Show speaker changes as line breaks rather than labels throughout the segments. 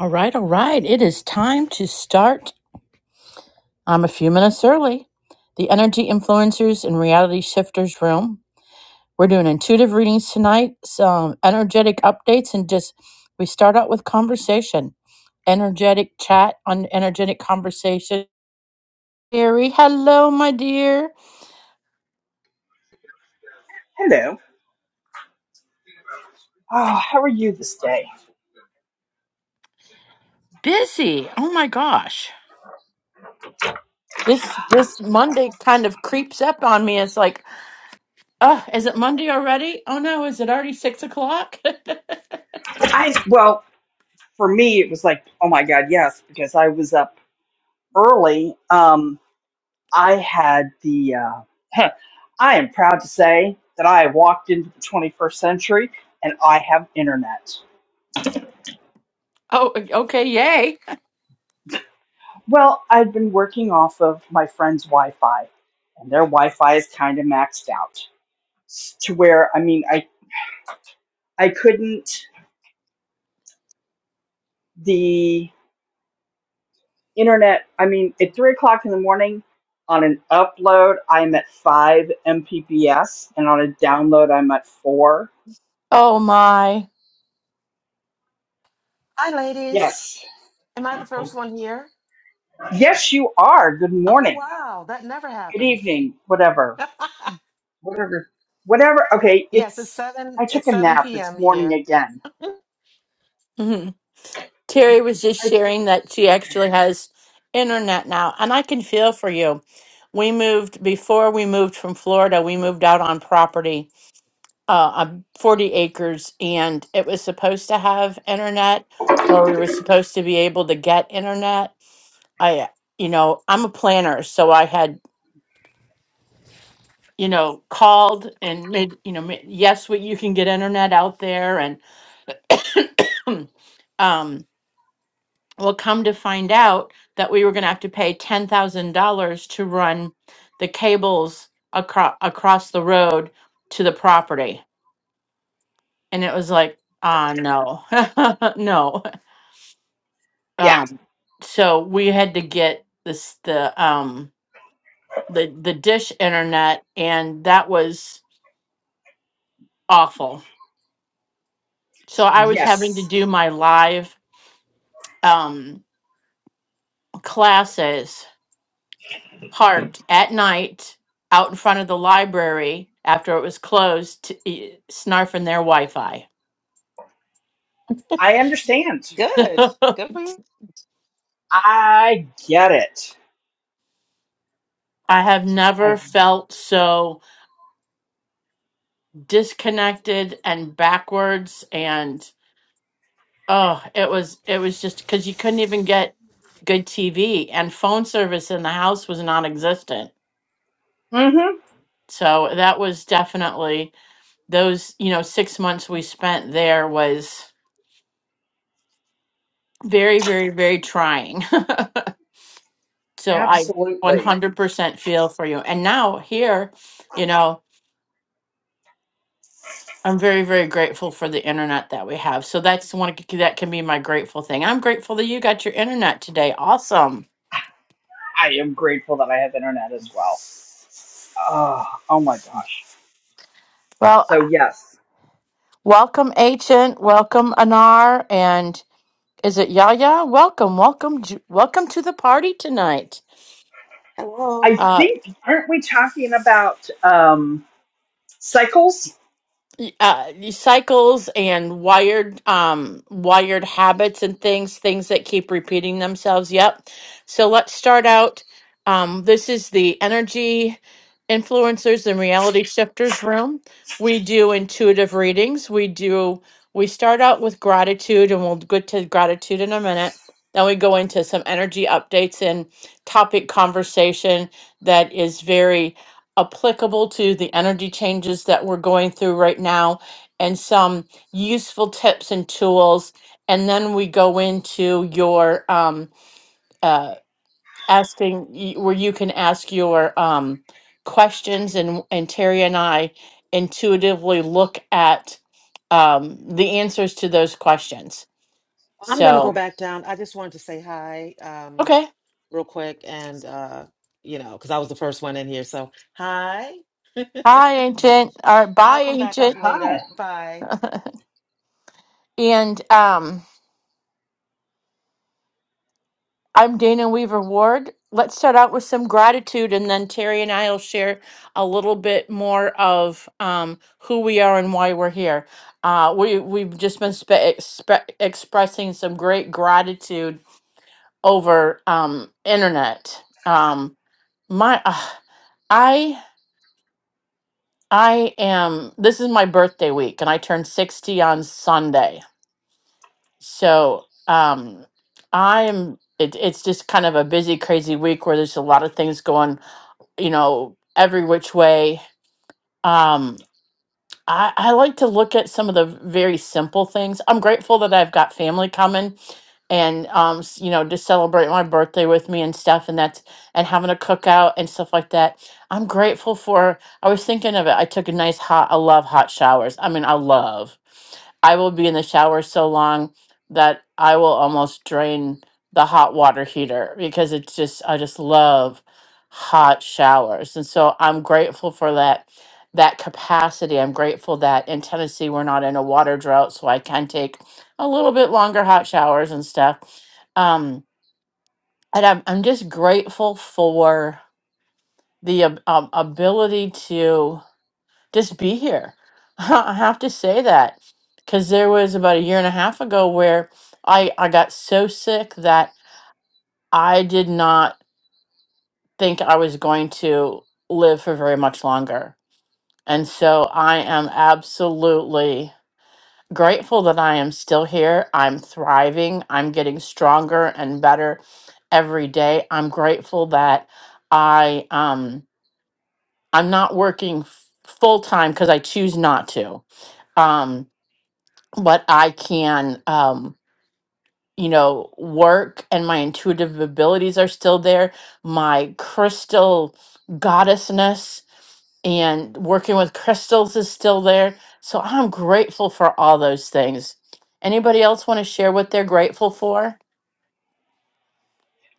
All right, all right. It is time to start. I'm a few minutes early. The Energy Influencers and Reality Shifters Room. We're doing intuitive readings tonight, some energetic updates, and just we start out with conversation, energetic chat on energetic conversation. Terry, hello, my dear.
Hello. Oh, how are you this day?
Busy. Oh my gosh. This this Monday kind of creeps up on me. It's like, oh, is it Monday already? Oh no, is it already six o'clock?
I well, for me it was like, oh my god, yes, because I was up early. Um, I had the uh, I am proud to say that I walked into the 21st century and I have internet.
oh, okay, yay.
Well, I've been working off of my friend's Wi-Fi, and their Wi-Fi is kind of maxed out s- to where I mean, I I couldn't. the. internet. I mean, at three o'clock in the morning on an upload, I'm at five Mbps, and on a download, I'm at four.
Oh my.
Hi, ladies.
Yes,
Am I the first one here?
yes, you are. Good
Oh,
morning,
wow. That never
good
happens.
evening, whatever, whatever, whatever. Okay,
yes, it's
it's.
7
I
it's
took a
7
nap.
p.m.
It's morning
here.
again.
hmm Terry was just sharing that she actually has internet now, and I can feel for you. We moved before we moved from Florida, we moved out on property, uh, um, 40 acres, and it was supposed to have internet, or we were supposed to be able to get internet. I, you know, I'm a planner, so I had, you know, called and made, you know, ma- yes, we, you can get internet out there, and, um, Well, come to find out that we were going to have to pay ten thousand dollars to run the cables across across the road to the property, and it was like, ah, no, no.
Yeah.
Um, so we had to get this the um the the dish internet, and that was awful. So I was having to
Yes,
do my live um classes parked at night out in front of the library after it was closed, to, e- snarfing their Wi Fi.
I understand.
Good.
I
Good for you.
I get it.
have never
I,
felt so disconnected and backwards and oh it was it was just because you couldn't even get good TV and phone service in the house was non-existent.
mm-hmm.
So that was definitely those you know 6 months we spent there was very very very trying. So I
Absolutely.
100% feel for you. And now here, you know, I'm very very grateful for the internet that we have. So that's one that can be my grateful thing. I'm grateful that you got your internet today. Awesome.
I am grateful that I have internet as well. Oh, oh my gosh.
Well,
So yes.
welcome Agent, welcome Anar, and is it Yaya? Welcome, welcome, Ju- welcome to the party tonight.
I
Hello.
think, aren't we talking about um, cycles?
uh, these cycles and wired um wired habits and things things that keep repeating themselves yep so let's start out um this is the energy influencers and reality shifters room we do intuitive readings we do we start out with gratitude and we'll get to gratitude in a minute then we go into some energy updates and topic conversation that is very applicable to the energy changes that we're going through right now and some useful tips and tools. And then we go into your um, uh, asking, y- where you can ask your um, questions, and, and Terry and I intuitively look at um, the answers to those questions.
I'm going to go
So,
back down. I just wanted to say hi um
okay.
real quick and uh you know, cuz I was the first one in here. So, hi.
Hi, Ancient. All right.
I'll
Bye,
come back up
Ancient.
Hi.
later. Bye.
and um, I'm Dana Weaver Ward. Let's start out with some gratitude, and then Terry and I will share a little bit more of um, who we are and why we're here. Uh, we we've just been spe- expre- expressing some great gratitude over um, internet. Um, my, uh, I I am. This is my birthday week, and I turned sixty on Sunday. So um, I'm. It, it's just kind of a busy, crazy week where there's a lot of things going. You know, every which way. Um, I, I like to look at some of the very simple things. I'm grateful that I've got family coming and um s- you know to celebrate my birthday with me and stuff and that's and having a cookout and stuff like that i'm grateful for i was thinking of it i took a nice hot i love hot showers i mean i love i will be in the shower so long that i will almost drain the hot water heater because it's just i just love hot showers and so i'm grateful for that that capacity. I'm grateful that in Tennessee we're not in a water drought, so I can take a little bit longer hot showers and stuff. Um, and I'm I'm just grateful for the ab- um, ability to just be here. I have to say that because there was about a year and a half ago where I I got so sick that I did not think I was going to live for very much longer. And so I am absolutely grateful that I am still here. I'm thriving. I'm getting stronger and better every day. I'm grateful that I um I'm not working full time because I choose not to. Um, but I can um you know work and my intuitive abilities are still there. My crystal goddessness and working with crystals is still there. So I'm grateful for all those things. Anybody else want to share what they're grateful for?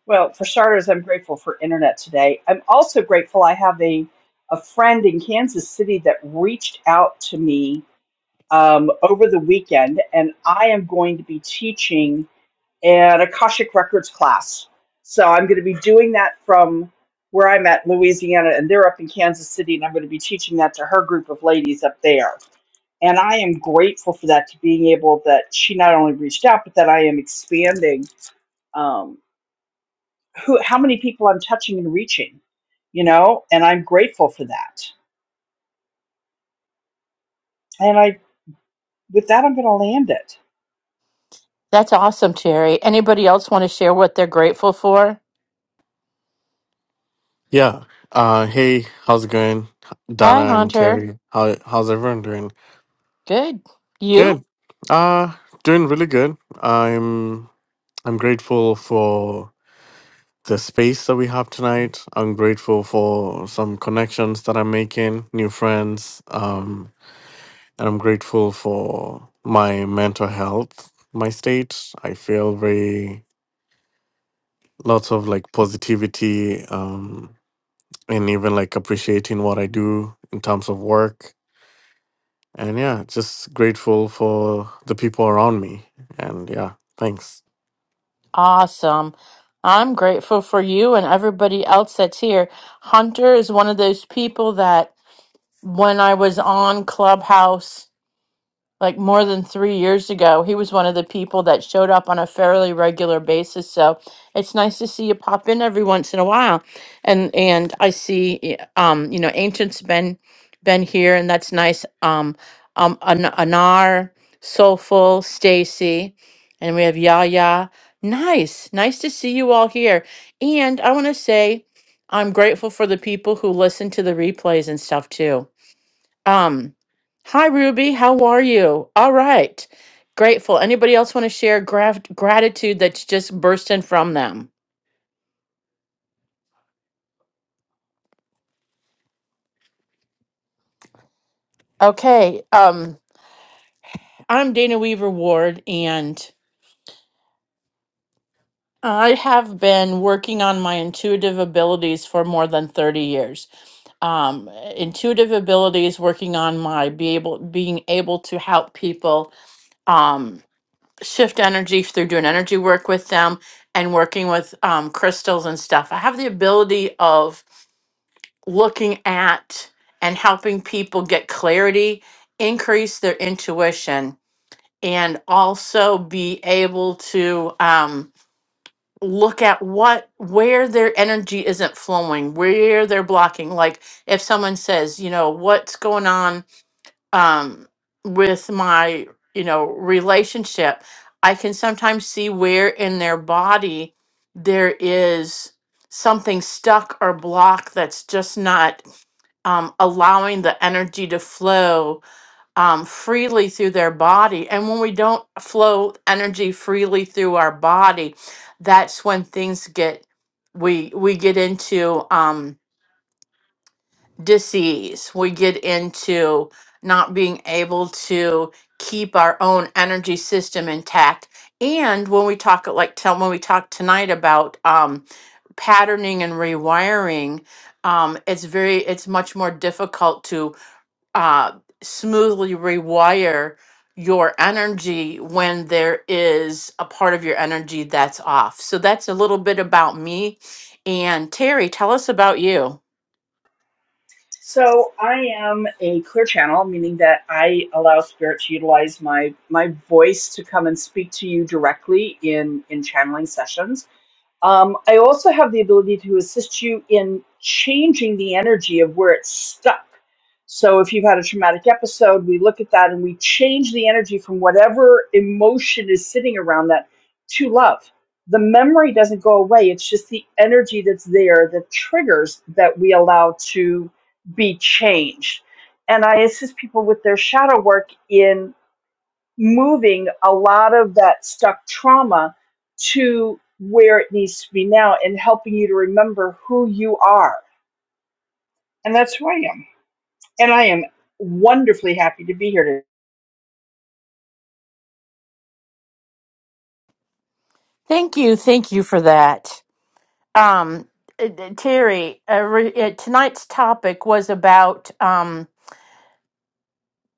Well, for starters, I'm grateful for internet today. I'm also grateful I have a, a friend in Kansas City that reached out to me um, over the weekend, and I am going to be teaching an Akashic Records class. So I'm going to be doing that from where I'm at, Louisiana, and they're up in Kansas City, and I'm going to be teaching that to her group of ladies up there. And I am grateful for that to being able that she not only reached out, but that I am expanding um, who, how many people I'm touching and reaching, you know, and I'm grateful for that. And I, with that, I'm going to land it.
That's awesome, Terry. Anybody else want to share what they're grateful for?
Yeah. Uh, hey, how's it going,
Hi,
Donna and
Hunter.
Terry? How how's everyone doing?
Good. You?
Good. Uh, doing really good. I'm I'm grateful for the space that we have tonight. I'm grateful for some connections that I'm making, new friends. Um, and I'm grateful for my mental health, my state. I feel very lots of like positivity. Um, and even like appreciating what I do in terms of work And yeah, just grateful for the people around me. And yeah, thanks.
Awesome. I'm grateful for you and everybody else that's here. Hunter is one of those people that when I was on Clubhouse like more than three years ago. He was one of the people that showed up on a fairly regular basis. So it's nice to see you pop in every once in a while. And and I see y- um, you know, Ancient's been been here and that's nice. Um um An- Anar, Soulful, Stacy, and we have Yaya. Nice. Nice to see you all here. And I want to say I'm grateful for the people who listen to the replays and stuff too um, hi Ruby, how are you? All right. Grateful. Anybody else want to share graf- gratitude that's just bursting from them? Okay. Um, I'm Dana Weaver Ward and I have been working on my intuitive abilities for more than 30 years. Um, intuitive abilities working on my be able being able to help people Um. shift energy through doing energy work with them and working with um, crystals and stuff. I have the ability of looking at and helping people get clarity, increase their intuition, and also be able to um, look at what where their energy isn't flowing, where they're blocking. Like if someone says, you know, what's going on um, with my you know relationship i can sometimes see where in their body there is something stuck or blocked that's just not um, allowing the energy to flow um, freely through their body and when we don't flow energy freely through our body that's when things get we we get into Um, disease. We get into not being able to keep our own energy system intact. And when we talk, like tell when we talk tonight about um, patterning and rewiring, um, it's very it's much more difficult to uh, smoothly rewire your energy when there is a part of your energy that's off. So that's a little bit about me. And Terry, tell us about you.
So I am a clear channel, meaning that I allow spirit to utilize my my voice to come and speak to you directly in in channeling sessions Um, I also have the ability to assist you in changing the energy of where it's stuck. So if you've had a traumatic episode, we look at that and we change the energy from whatever emotion is sitting around that to love. The memory doesn't go away, it's just the energy that's there, the triggers that we allow to be changed. And I assist people with their shadow work in moving a lot of that stuck trauma to where it needs to be now and helping you to remember who you are. And that's who I am. And I am wonderfully happy to be here today.
Thank you, thank you for that, um, uh, uh, Terry. Uh, re- uh, tonight's topic was about um,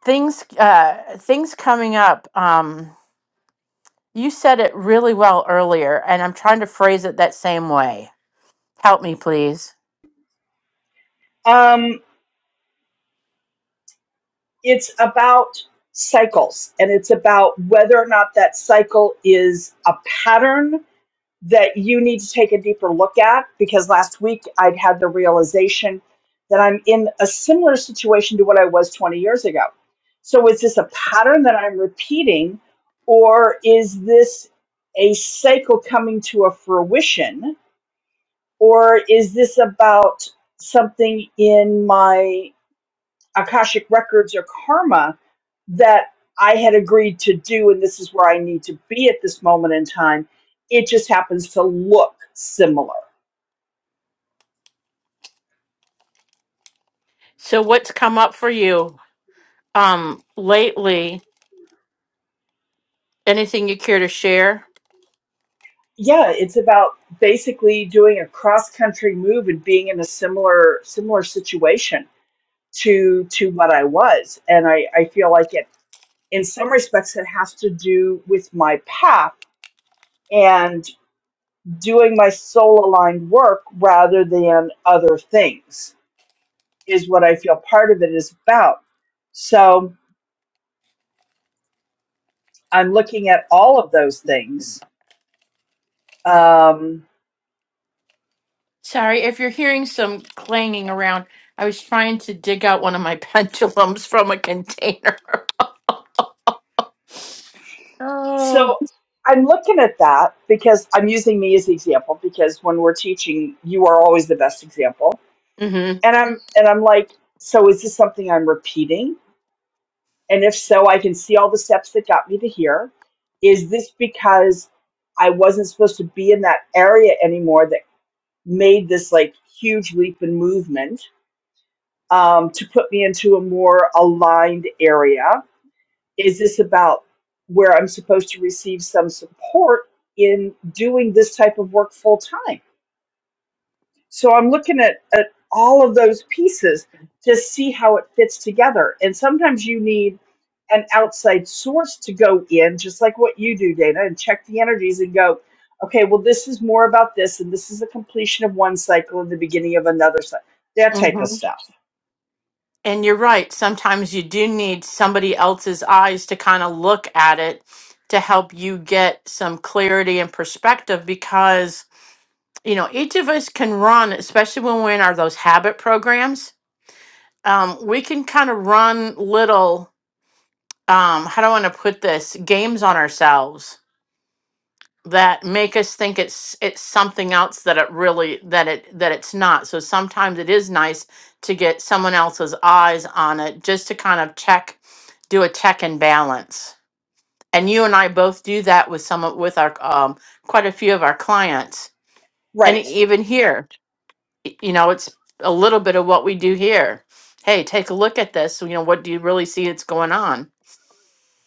things uh, things coming up. Um, you said it really well earlier, and I'm trying to phrase it that same way. Help me, please.
Um, it's about cycles and it's about whether or not that cycle is a pattern that you need to take a deeper look at because last week I'd had the realization that I'm in a similar situation to what I was 20 years ago. So is this a pattern that I'm repeating or is this a cycle coming to a fruition or is this about something in my Akashic Records or Karma that I had agreed to do, and this is where I need to be at this moment in time. It just happens to look similar.
So, what's come up for you um, lately? Anything you care to share?
Yeah, it's about basically doing a cross country move and being in a similar similar situation to to what I was, and I I feel like it in some respects it has to do with my path and doing my soul aligned work rather than other things is what I feel part of it is about. So I'm looking at all of those things. Um,
Sorry if you're hearing some clanging around. I was trying to dig out one of my pendulums from a container.
so I'm looking at that because I'm using me as the example because when we're teaching, you are always the best example.
Oh.
And I'm and I'm like, so is this something I'm repeating? And if so, I can see all the steps that got me to here. Is this because I wasn't supposed to be in that area anymore that made this like huge leap in movement? um, to put me into a more aligned area? Is this about where I'm supposed to receive some support in doing this type of work full time? So I'm looking at, at all of those pieces to see how it fits together. And sometimes you need an outside source to go in, just like what you do, Dana, and check the energies and go, okay, well, this is more about this, and this is the completion of one cycle and the beginning of another cycle, that type of
hmm
stuff.
And you're right. Sometimes you do need somebody else's eyes to kind of look at it to help you get some clarity and perspective because, you know, each of us can run, especially when we're in our those habit programs. Um, we can kind of run little, um, how do I want to put this, games on ourselves that make us think it's it's something else that it really that it that it's not. So sometimes it is nice to get someone else's eyes on it just to kind of check, do a check and balance. And you and I both do that with some of with our um, quite a few of our clients, and
Right.
even here, y- you know, it's a little bit of what we do here. Hey, take a look at this. You know, what do you really see that's going on?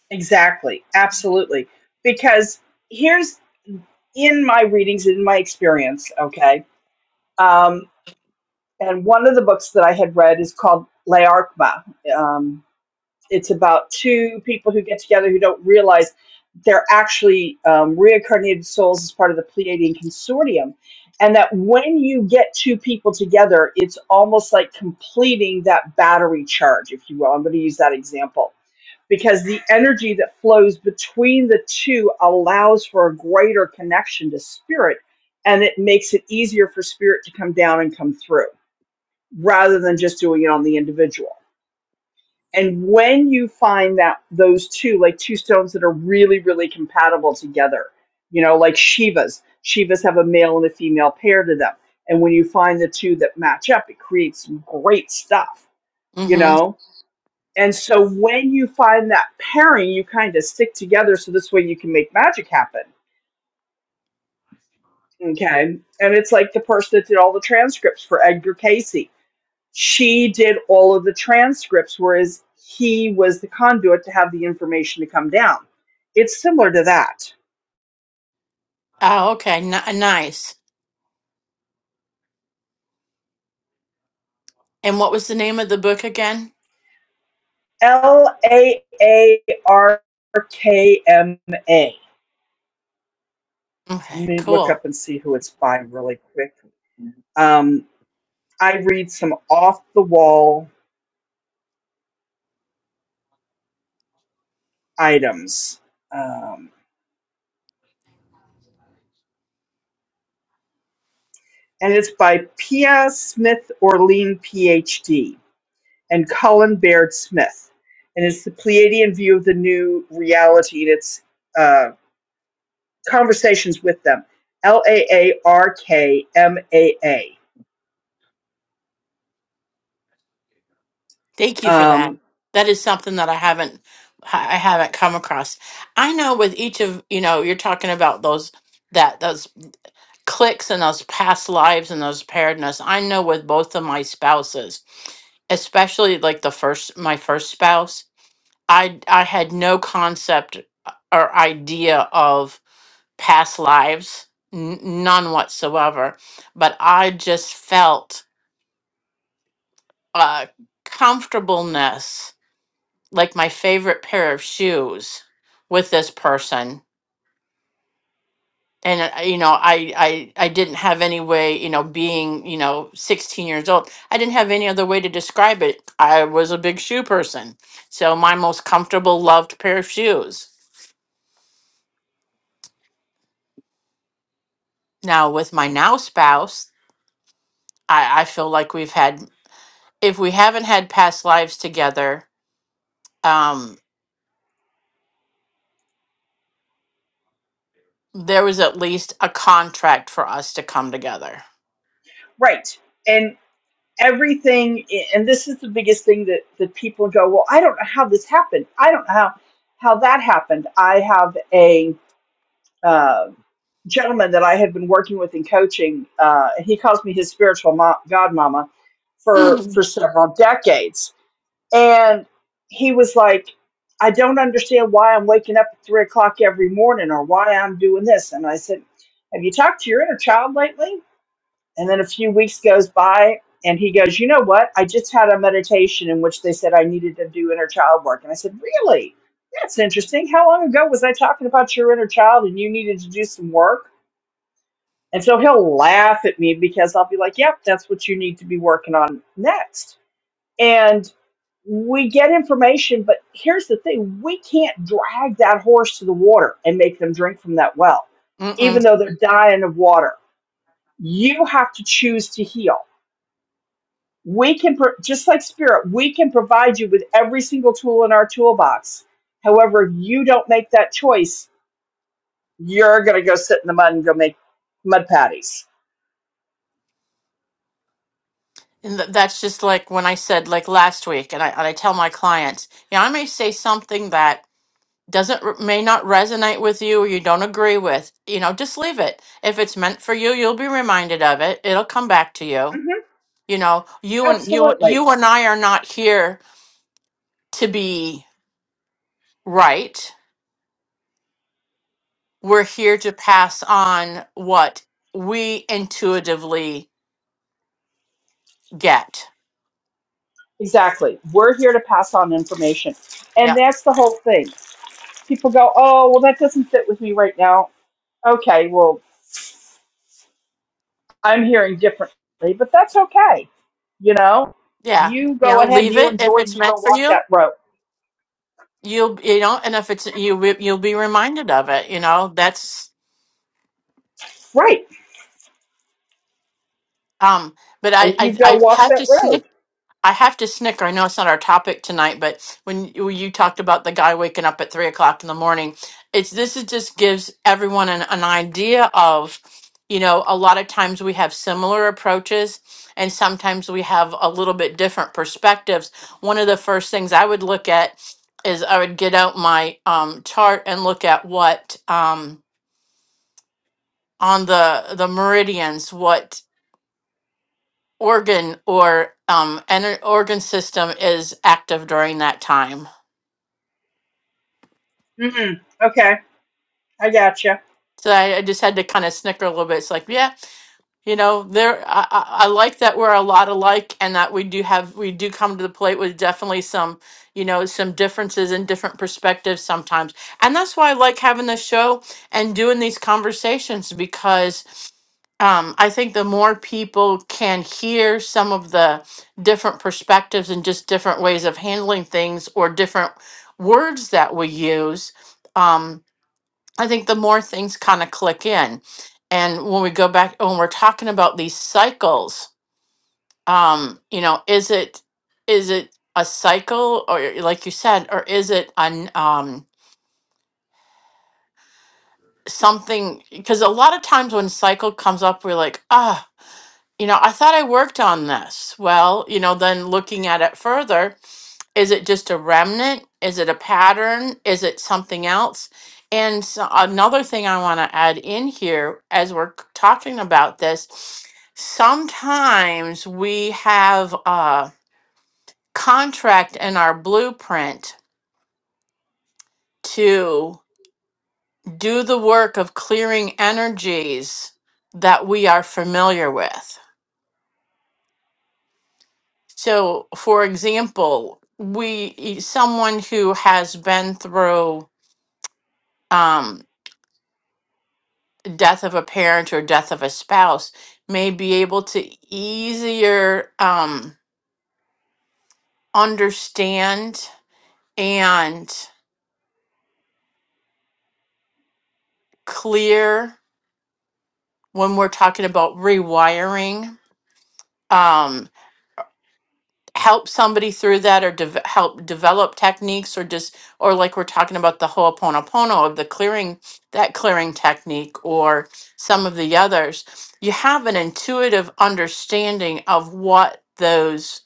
Exactly. Absolutely. Because here's in my readings, in my experience, okay. Um, and one of the books that I had read is called Laarkma. Um, it's about two people who get together who don't realize they're actually um, reincarnated souls as part of the Pleiadian Consortium. And that when you get two people together, it's almost like completing that battery charge, if you will. I'm going to use that example because the energy that flows between the two allows for a greater connection to spirit and it makes it easier for spirit to come down and come through rather than just doing it on the individual and when you find that those two like two stones that are really really compatible together you know like shivas shivas have a male and a female pair to them and when you find the two that match up it creates some great stuff you
Mm-hmm.
know and so when you find that pairing, you kind of stick together so this way you can make magic happen. Okay. And it's like the person that did all the transcripts for Edgar Casey. She did all of the transcripts, whereas he was the conduit to have the information to come down. It's similar to that.
Oh, okay, N- nice. And what was the name of the book again?
L A A R K M A. Let
Okay,
me look
cool.
up and see who it's by really quick. Um, I read some off the wall items. Um, and is by Pia Smith Orlean, PhD, and Colin Baird Smith, and it's the Pleiadian view of the new reality and its uh, conversations with them. L A A R K M A A.
Thank you for that.
Um,
That is something that I haven't I haven't come across. I know with each of you know you're talking about those that those clicks and those past lives and those pairedness. I know with both of my spouses, especially like the first my first spouse, I I had no concept uh, or idea of past lives, n- none whatsoever. But I just felt a comfortableness like my favorite pair of shoes with this person and uh, you know I, I i didn't have any way you know being you know 16 years old i didn't have any other way to describe it i was a big shoe person so my most comfortable loved pair of shoes now with my now spouse i i feel like we've had if we haven't had past lives together um there was at least a contract for us to come together
Right. And everything, and this is the biggest thing that, that people go, well, I don't know how this happened. I don't know how, how that happened. I have a. uh, gentleman that I had been working with in coaching, uh, he calls me his spiritual mo- godmama for for several decades, and he was like, "I don't understand why I'm waking up at three o'clock every morning, or why I'm doing this." And I said, "Have you talked to your inner child lately?" And then a few weeks goes by, and he goes, "You know what? I just had a meditation in which they said I needed to do inner child work." And I said, "Really?" That's interesting. How long ago was I talking about your inner child and you needed to do some work? And so he'll laugh at me because I'll be like, yep, that's what you need to be working on next. And we get information, but here's the thing we can't drag that horse to the water and make them drink from that well,
Mm-mm.
even though they're dying of water. You have to choose to heal. We can, pro- just like spirit, we can provide you with every single tool in our toolbox. However, if you don't make that choice, you're going to go sit in the mud and go make mud patties.
And th- that's just like when I said like last week, and I and I tell my clients, yeah, I may say something that doesn't re- may not resonate with you or you don't agree with. You know, just leave it. If it's meant for you, you'll be reminded of it. It'll come back to
hmm
you. You know, you and you
Absolutely
you and I are not here to be right. We're here to pass on what we intuitively get.
Exactly. We're here to pass on information. And
Yeah.
that's the whole thing. People go, oh, well, that doesn't fit with me right now. Okay, well, I'm hearing differently, but that's okay. You know,
Yeah.
you
You
go
know,
ahead and
leave
you
it if
enjoy and
it's
you go
meant for
walk
you
that road.
you'll you know and if it's you re- you'll be reminded of it you know that's
Right.
um but i
And you
i,
go
I
walk
have
that
to
road.
snick i have to snicker i know it's not our topic tonight but when you, you talked about the guy waking up at three o'clock in the morning it's this It just gives everyone an, an idea of you know a lot of times we have similar approaches and sometimes we have a little bit different perspectives one of the first things i would look at is i would get out my um, chart and look at what um, on the the meridians what organ or um ener- organ system is active during that time
Mm-mm. Okay, I gotcha.
so I, I just had to kind of snicker a little bit it's like yeah You know, there I, I I like that we're a lot alike and that we do have we do come to the plate with definitely some, you know, some differences and different perspectives sometimes. And that's why I like having this show and doing these conversations because um, I think the more people can hear some of the different perspectives and just different ways of handling things or different words that we use, um, I think the more things kind of click in. And when we go back, when we're talking about these cycles, um, you know, is it is it a cycle, or like you said, or is it an um, something? Because a lot of times when cycle comes up, we're like, ah, you know, I thought I worked on this. Well, you know, then looking at it further, Is it just a remnant? Is it a pattern? Is it something else? And so another thing I want to add in here as we're c- talking about this, sometimes we have a contract in our blueprint to do the work of clearing energies that we are familiar with. So, for example, we e, someone who has been through um, death of a parent or death of a spouse may be able to easier um, understand and clear when we're talking about rewiring um, help somebody through that or deve- help develop techniques or just or like we're talking about the ho'oponopono of the clearing that clearing technique or some of the others you have an intuitive understanding of what those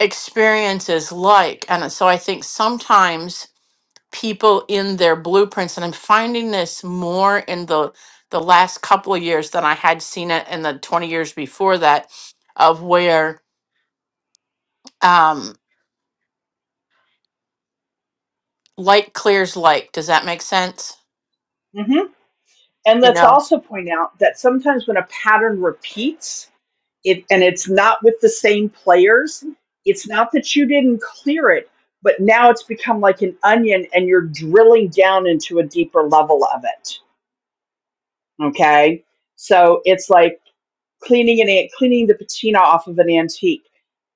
experience is like. And so I think sometimes people in their blueprints, and I'm finding this more in the the last couple of years than I had seen it in the 20 years before that, of where um, like clears like. Does that make sense?
Mm-hmm. And
You
let's
know?
also point out that sometimes when a pattern repeats, it and it's not with the same players it's not that you didn't clear it but now it's become like an onion and you're drilling down into a deeper level of it okay so it's like cleaning an ant cleaning the patina off of an antique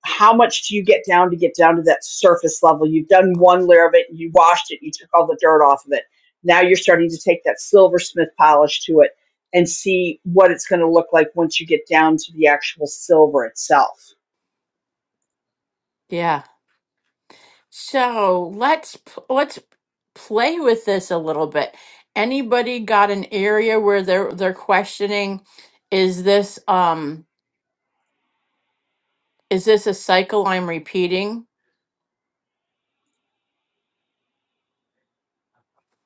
how much do you get down to get down to that surface level you've done one layer of it you washed it you took all the dirt off of it now you're starting to take that silversmith polish to it and see what it's going to look like once you get down to the actual silver itself
Yeah. So let's p- let's play with this a little bit. Anybody got an area where they're they're questioning, is this um is this a cycle I'm repeating?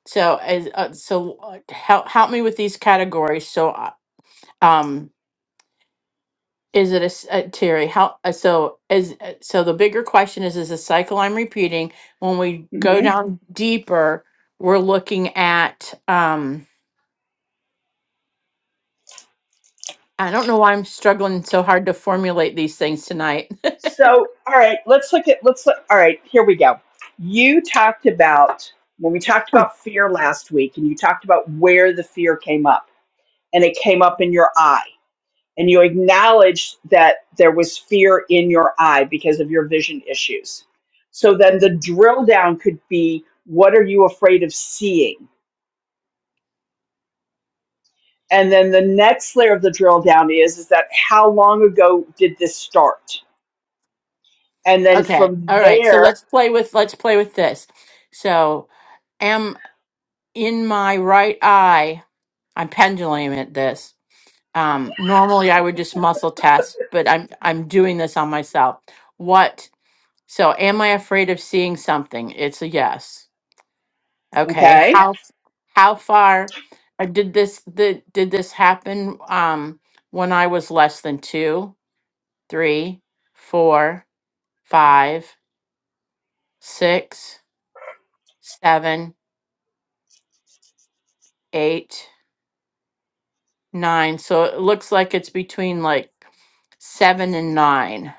So as uh, so uh, help help me with these categories. So uh, um is it a s- uh, Terry? How uh, so is uh, so the bigger question is is a cycle I'm repeating? When we go Mhm.
hmm
down deeper, we're looking at um. I don't know why I'm struggling so hard to formulate these things tonight.
So, all right, let's look at let's look, all right, here we go. You talked about when we talked about fear last week and you talked about where the fear came up and it came up in your eye and you acknowledged that there was fear in your eye because of your vision issues. So then the drill down could be what are you afraid of seeing? And then the next layer of the drill down is is that how long ago did this start? And then
Okay.
from
All right. So
there,
let's play with let's play with this. So am in my right eye. I'm pendulum at this. Um, normally I would just muscle test, but I'm I'm doing this on myself. What? So am I afraid of seeing something? It's a yes. Okay.
okay?
How how far uh, did this the, did this happen um when I was less than 2? three, four, five, six, seven, eight, nine. So it looks like it's between like seven and nine.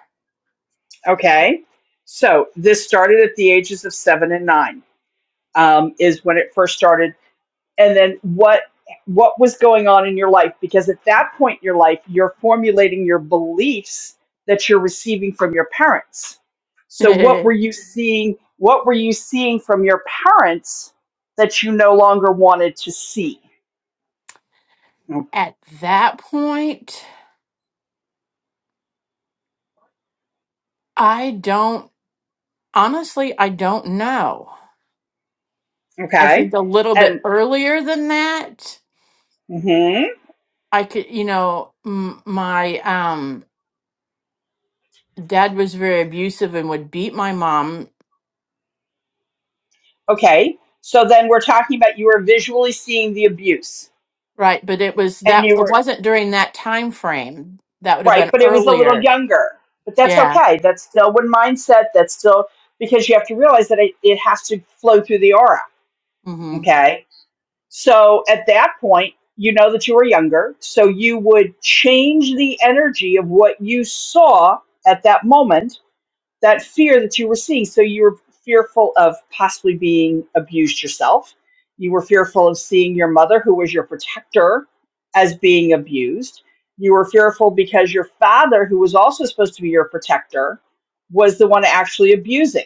Okay. So this started at the ages of seven and nine, um, is when it first started. And then what what was going on in your life? Because at that point in your life, you're formulating your beliefs that you're receiving from your parents. So what were
At
you seeing? What were you seeing from your parents that you no longer wanted to see? Mm,
that point, I don't, honestly, I don't know. I
Okay.
think a little bit
And
earlier than that,
mhm,
I could, you know, m- my um, dad was very abusive and would beat my mom
okay. So then we're talking about you were visually seeing the abuse
Right, but it was
and
that
you
it
were
wasn't during that time frame. That would have
Right,
been
but it was a little
earlier.
younger. But that's
Yeah.
okay. That's still one mindset. That's still because you have to realize that it, it has to flow through the aura.
hmm
Okay. So at that point, you know that you were younger. So you would change the energy of what you saw at that moment that fear that you were seeing. So you were fearful of possibly being abused yourself. You were fearful of seeing your mother, who was your protector, as being abused. You were fearful because your father, who was also supposed to be your protector, was the one actually abusing.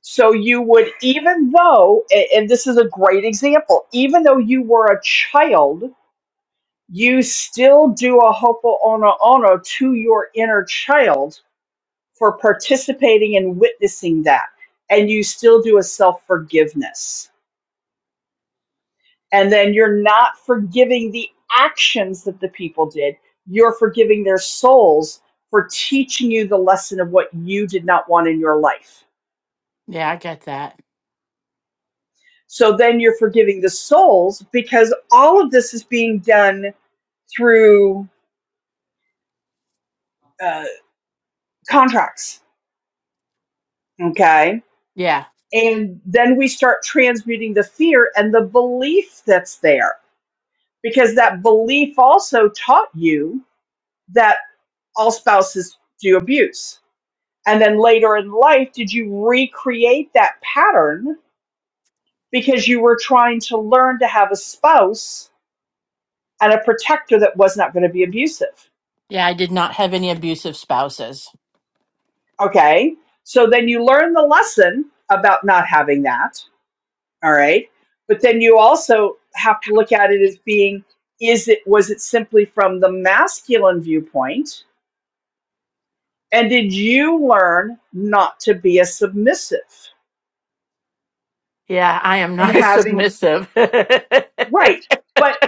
So you would, even though, a- and this is a great example, even though you were a child, you still do a hopo ono ono to your inner child for participating and witnessing that. And you still do a self forgiveness. And then you're not forgiving the actions that the people did, you're forgiving their souls for teaching you the lesson of what you did not want in your life.
Yeah, I get that.
So then you're forgiving the souls because all of this is being done through uh, contracts. Okay.
Yeah.
And then we start transmuting the fear and the belief that's there because that belief also taught you that all spouses do abuse. And then later in life, did you recreate that pattern because you were trying to learn to have a spouse and a protector that was not going to be abusive?
Yeah, I did not have any abusive spouses.
Okay. So then you learn the lesson about not having that. All right. But then you also have to look at it as being is it was it simply from the masculine viewpoint And did you learn not to be a submissive
Yeah, I am
and
not
having,
submissive.
right? But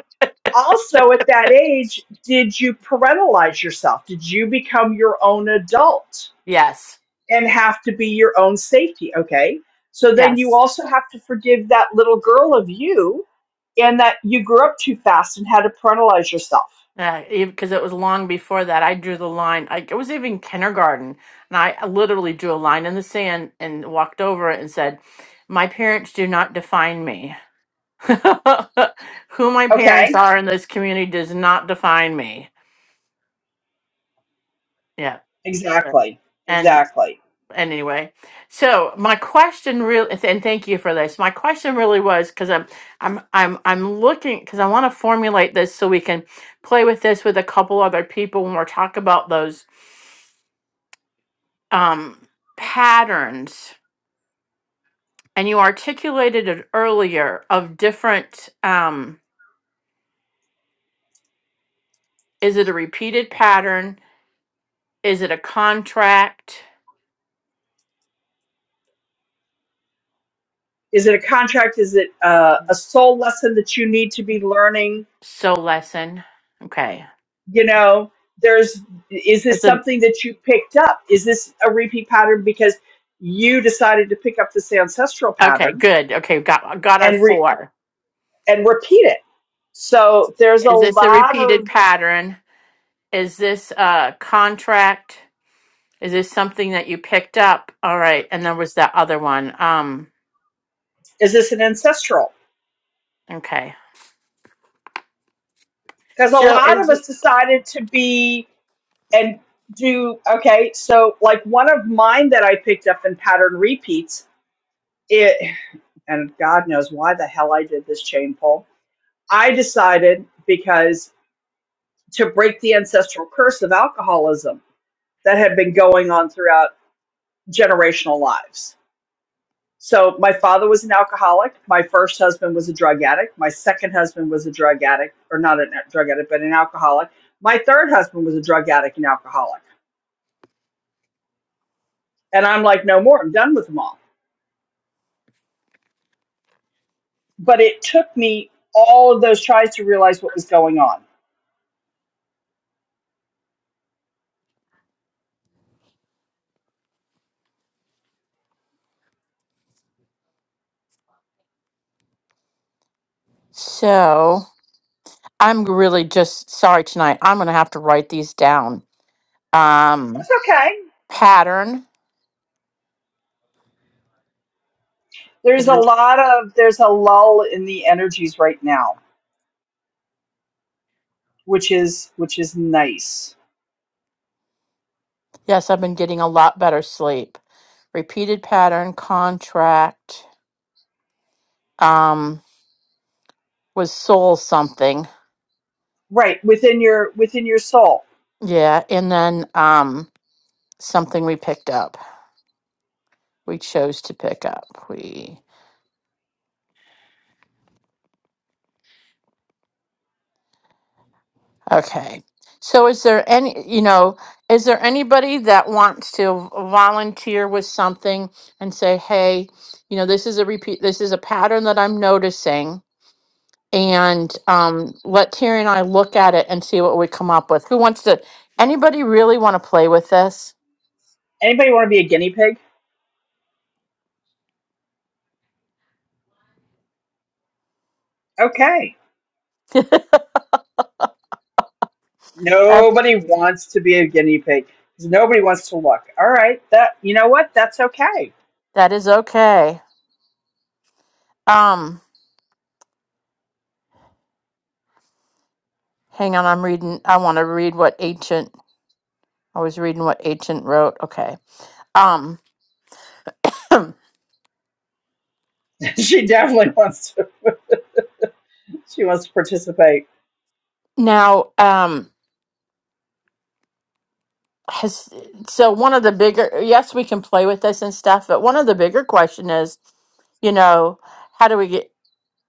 also at that age, did you parentalize yourself? Did you become your own adult
yes.
and have to be your own safety? Okay. So then you
Yes.
also have to forgive that little girl of you and that you grew up too fast and had to parentalize yourself.
Because it was long before that, I drew the line. I, it was even kindergarten, and I literally drew a line in the sand and walked over it and said, "My parents do not define me." Who my parents
Okay.
are in this community does not define me. Yeah. but-
Exactly.
And
Exactly.
and anyway, so my question really, and thank you for this. My question really was because I'm I'm I'm I'm looking because I want to formulate this so we can play with this with a couple other people when we're talking about those um, patterns. And you articulated it earlier of different. Um, is it a repeated pattern? Is it a contract?
Is it a contract? Is it uh, a soul lesson that you need to be learning?
So lesson. Okay.
you know there's is this
It's a
something that you picked up is this a repeat pattern because you decided to pick up this ancestral
okay,
pattern
good. Okay, got got our
and re-
four.
and repeat it so there's a
Is this a
lot
repeated
of
pattern? Is this a contract? Is this something that you picked up? All right, and there was that other one. Um,
is this an ancestral
okay.
because a
So
lot of
is
us decided to be and do okay so like one of mine that i picked up in pattern repeats it and god knows why the hell i did this chain pull i decided because. to break the ancestral curse of alcoholism that had been going on throughout generational lives. So, my father was an alcoholic. My first husband was a drug addict. My second husband was a drug addict, or not a drug addict, but an alcoholic. My third husband was a drug addict and alcoholic. And I'm like, no more. I'm done with them all. But it took me all of those tries to realize what was going on.
so I'm really just sorry tonight. I'm gonna have to write these down. Um,
That's okay.
pattern. It
There's a
re-
lot of there's a lull in the energies right now, which is which is nice
Yes, I've been getting a lot better sleep. Repeated pattern contract. Um, was soul something.
Right, within your within your soul.
Yeah, and then um something we picked up. We chose to pick up. We Okay. So is there any, you know, is there anybody that wants to volunteer with something and say, "Hey, you know, this is a repeat this is a pattern that I'm noticing." And um, let Terry and I look at it and see what we come up with. Who wants to? Anybody really want to play with this?
Anybody want to be a guinea pig? Okay.
That,
Nobody wants to be a guinea pig. 'cause Nobody wants to look. All right. That you know what? That's okay.
that is okay. Um, Hang on, I'm reading. I want to read what ancient. I was reading what ancient wrote. Okay. Um.
she definitely wants to she wants to participate.
Now, um, has so one of the bigger. Yes, we can play with this and stuff, but one of the bigger question is, you know, how do we get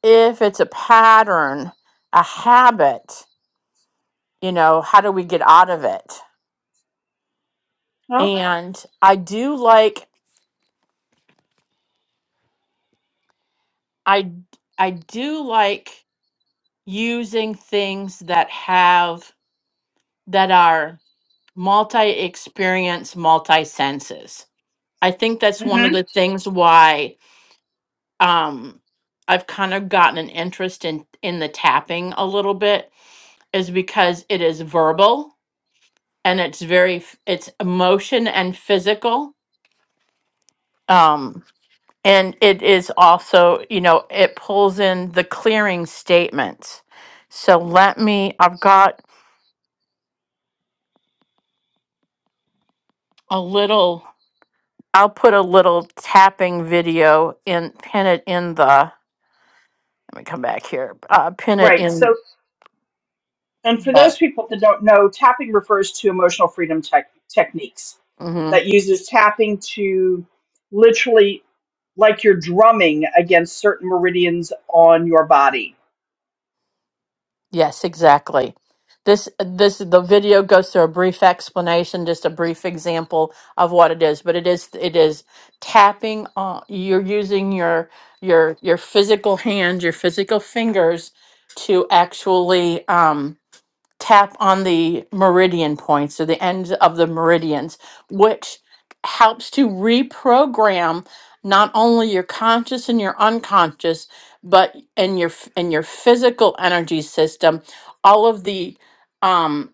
if it's a pattern, a habit, you know, how do we get out of it?
Well,
And I do like I I do like using things that have that are multi experience, multi senses. I think that's one of
hmm
the things why um, I've kind of gotten an interest in in the tapping a little bit is because it is verbal and it's very f- it's emotion and physical um and it is also you know it pulls in the clearing statements so let me i've got a little i'll put a little tapping video in pin it in the Let me come back here. Uh, pin it
Right. So
in.
and for
The,
those people that don't know, tapping refers to emotional freedom tech techniques
hmm
that uses tapping to literally like you're drumming against certain meridians on your body.
yes, exactly. This this the video goes through a brief explanation, just a brief example of what it is. But it is it is tapping on. You're using your your your physical hand, your physical fingers to actually. Um, tap on the meridian points or the ends of the meridians, which helps to reprogram not only your conscious and your unconscious, but in your f- in your physical energy system, all of the um,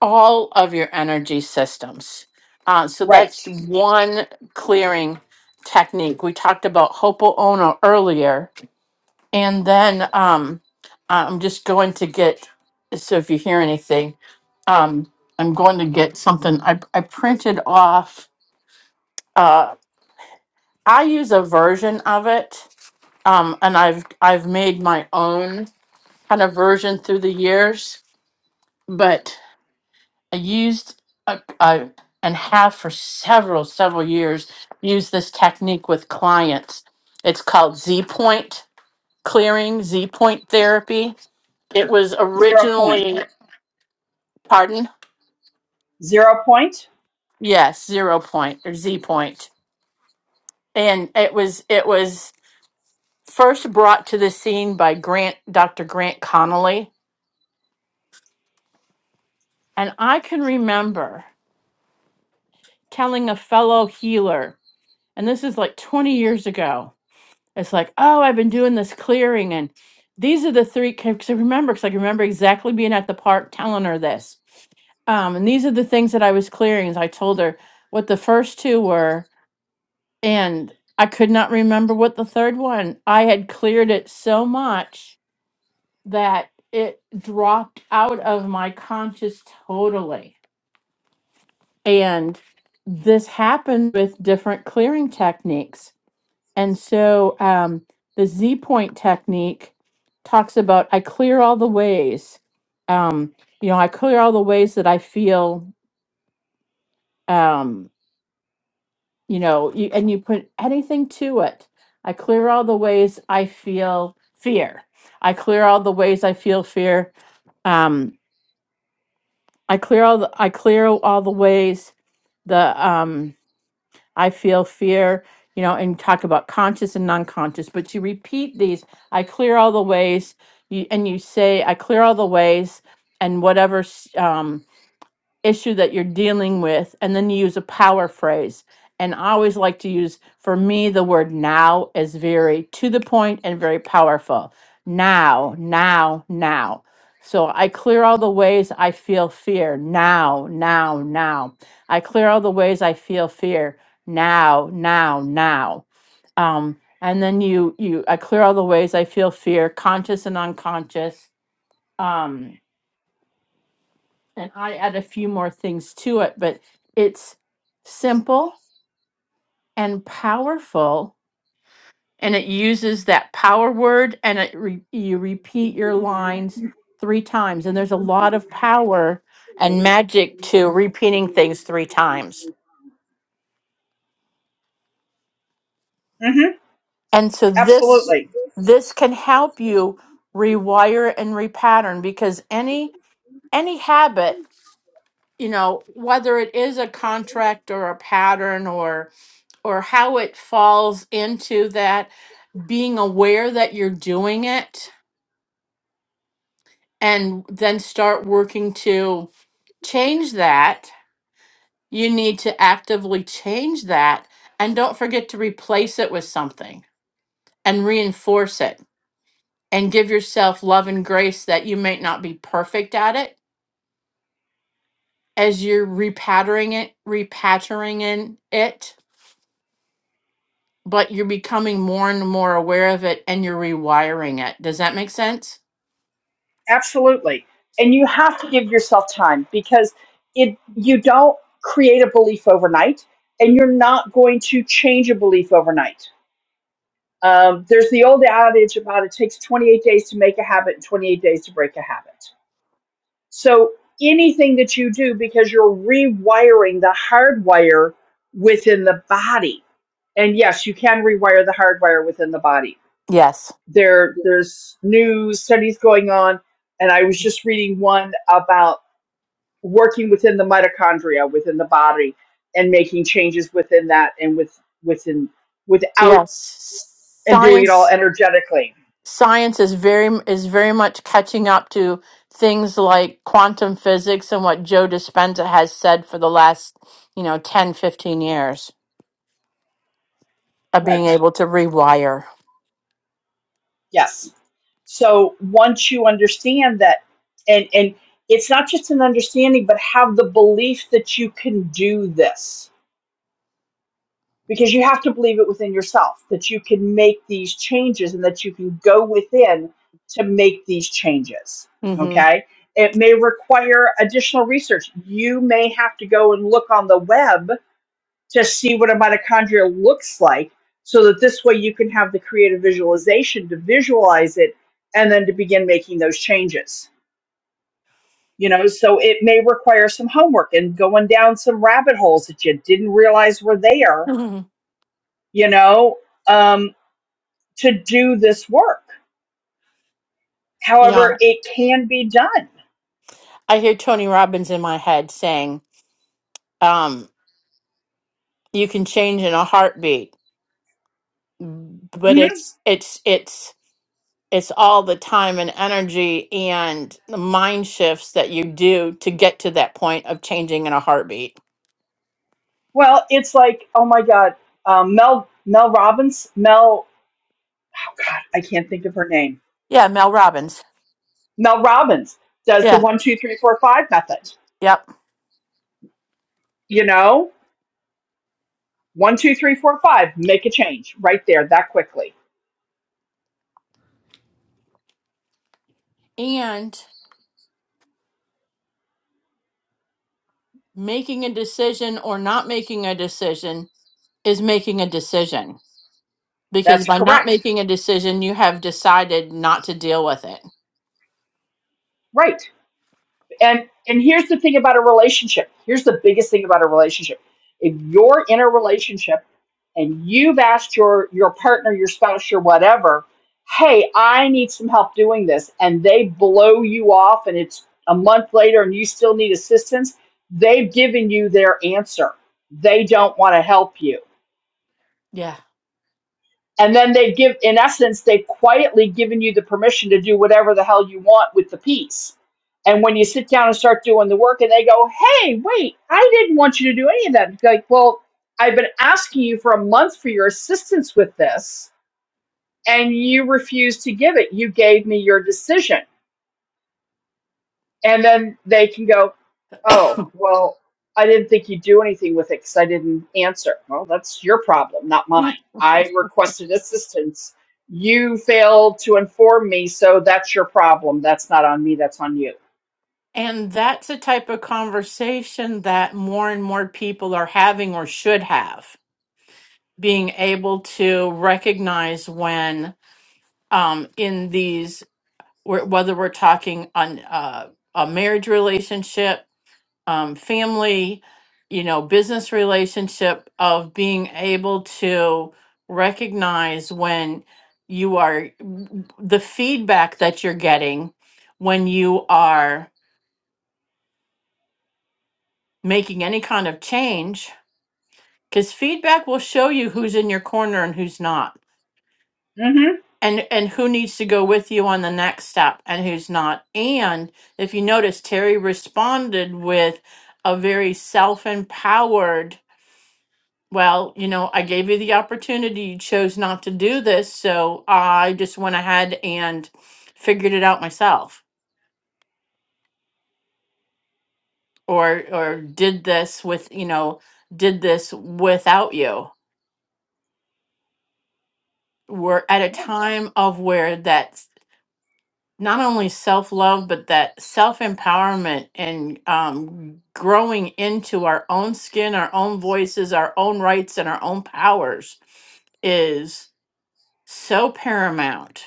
all of your energy systems. Uh, so
Right.
that's one clearing technique. We talked about Hopo earlier and then um, I'm just going to get, so if you hear anything, um, I'm going to get something. I, I printed off, uh, I use a version of it, um, and I've, I've made my own kind of version through the years, but I used a, a, and have for several, several years used this technique with clients. It's called Z point clearing, Z point therapy. It was
Zero point.
originally Pardon?
Zero point?
Yes, zero point or Z point. And it was it was first brought to the scene by Grant Dr. Grant Connolly. And I can remember telling a fellow healer, and this is like 20 years ago. It's like, oh, I've been doing this clearing, and these are the three because I remember because I remember exactly being at the park telling her this. Um, and these are the things that I was clearing. As I told her what the first two were, and I could not remember what the third one. I had cleared it so much that it dropped out of my conscious totally. And this happened with different clearing techniques. And so um, the Z point technique talks about I clear all the ways. Um, you know, I clear all the ways that I feel. Um, you know you and you put anything to it i clear all the ways i feel fear i clear all the ways i feel fear um i clear all the i clear all the ways the um i feel fear you know and talk about conscious and non-conscious but you repeat these i clear all the ways you and you say i clear all the ways and whatever issue that you're dealing with and then you use a power phrase and i always like to use for me the word now is very to the point and very powerful now now now so i clear all the ways i feel fear now now now i clear all the ways i feel fear now now now um, and then you you i clear all the ways i feel fear conscious and unconscious Um and I add a few more things to it, but it's simple and powerful. And it uses that power word, and it re- you repeat your lines three times. And there's a lot of power and magic to repeating things three times.
Mm-hmm.
And so this
Absolutely.
this can help you rewire and repattern because any any habit, you know, whether it is a contract or a pattern or or how it falls into that being aware that you're doing it and then start working to change that you need to actively change that and don't forget to replace it with something and reinforce it and give yourself love and grace that you may not be perfect at it as you're repattering it repattering in it but you're becoming more and more aware of it and you're rewiring it does that make sense
Absolutely. And you have to give yourself time because it you don't create a belief overnight and you're not going to change a belief overnight. Um, there's the old adage about it takes 28 days to make a habit and 28 days to break a habit. So anything that you do because you're rewiring the hardwire within the body. And yes, you can rewire the hardwire within the body
Yes.
there there's new studies going on and i was just reading one about working within the mitochondria within the body and making changes within that and with within without
Yes,
and doing it all
science
energetically
science is very is very much catching up to things like quantum physics and what Joe Dispenza has said for the last, you know, 10 15 years of being
right
able to rewire.
yes so once you understand that and and it's not just an understanding but have the belief that you can do this because you have to believe it within yourself that you can make these changes and that you can go within to make these changes.
Mm-hmm.
Okay. It may require additional research. You may have to go and look on the web to see what a mitochondria looks like so that this way you can have the creative visualization to visualize it and then to begin making those changes. You know, so it may require some homework and going down some rabbit holes that you didn't realize were there, you know, um, to do this work.
yeah,
However, it can be done.
I hear Tony Robbins in my head saying, um, "You can change in a heartbeat," but
Mhm.
it's it's it's it's all the time and energy and the mind shifts that you do to get to that point of changing in a heartbeat.
Well, it's like, oh my God, um, Mel Mel Robbins, Mel, oh God, I can't think of her name.
Yeah, Mel Robbins.
Mel Robbins does the
Yeah,
one, two, three, four, five method.
yep.
You know, one, two, three, four, five, make a change right there that quickly.
And making a decision or not making a decision is making a decision because
That's
by not
correct.
making a decision, you have decided not to deal with it.
Right. and and here's the thing about a relationship here's the biggest thing about a relationship if you're in a relationship and you've asked your your partner your spouse your whatever hey i need some help doing this and they blow you off and it's a month later and you still need assistance they've given you their answer they don't want to help you
Yeah.
and then they give in essence they've quietly given you the permission to do whatever the hell you want with the piece and when you sit down and start doing the work and they go hey wait i didn't want you to do any of that You're like well i've been asking you for a month for your assistance with this and you refused to give it you gave me your decision and then they can go, "Oh, well, I didn't think you'd do anything with it because I didn't answer." Well, that's your problem, not
Mm.
mine. I requested assistance. You failed to inform me, so that's your problem. That's not on me. That's on you.
And that's a type of conversation that more and more people are having or should have, being able to recognize when um, in these, wh- whether we're talking on uh, a marriage relationship, um, family, you know, business relationship, of being able to recognize when you are the feedback that you're getting when you are making any kind of change, because feedback will show you who's in your corner and who's not
Mm-hmm.
and and who needs to go with you on the next step and who's not and if you notice terry responded with a very self-empowered well you know i gave you the opportunity you chose not to do this so i just went ahead and figured it out myself or or did this with you know did this without you we're at a
Yeah.
time of where that not only self love, but that self empowerment and um, growing into our own skin, our own voices, our own rights, and our own powers is so paramount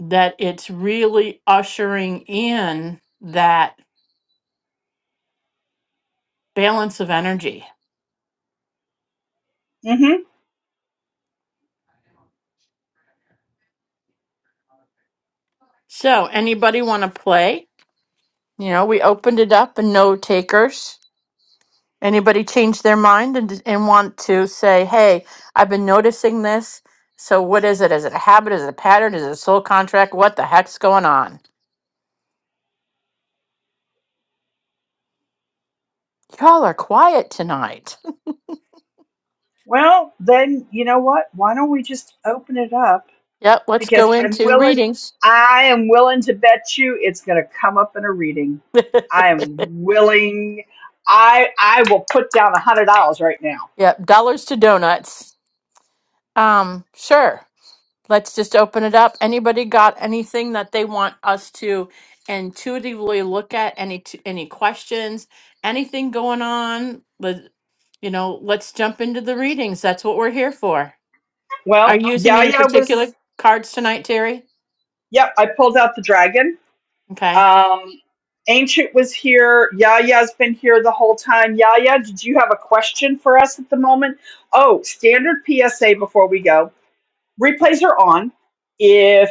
that it's really ushering in that balance of energy.
Mm-hmm.
So, anybody want to play? You know, we opened it up and no takers. Anybody change their mind and, and want to say, hey, I've been noticing this. So what is it? Is it a habit? Is it a pattern? Is it a soul contract? What the heck's going on? Y'all are quiet tonight.
Well, then you know what? Why don't we just open it up?
Yep, let's
because
go
I'm
into
willing,
readings.
I am willing to bet you it's going to come up in a reading. I am willing. I I will put down a hundred dollars right now.
yep, dollars to donuts. Um, sure. Let's just open it up. Anybody got anything that they want us to intuitively look at? Any t- any questions? Anything going on? Let, you know, let's jump into the readings. That's what we're here for. Are
Well,
you using any
Yaya
particular
was.
cards tonight, Terry?
Yep, I pulled out the dragon.
Okay.
Um, Ancient was here. Yaya's been here the whole time. Yaya, did you have a question for us at the moment? Oh, standard PSA before we go. replays are on. If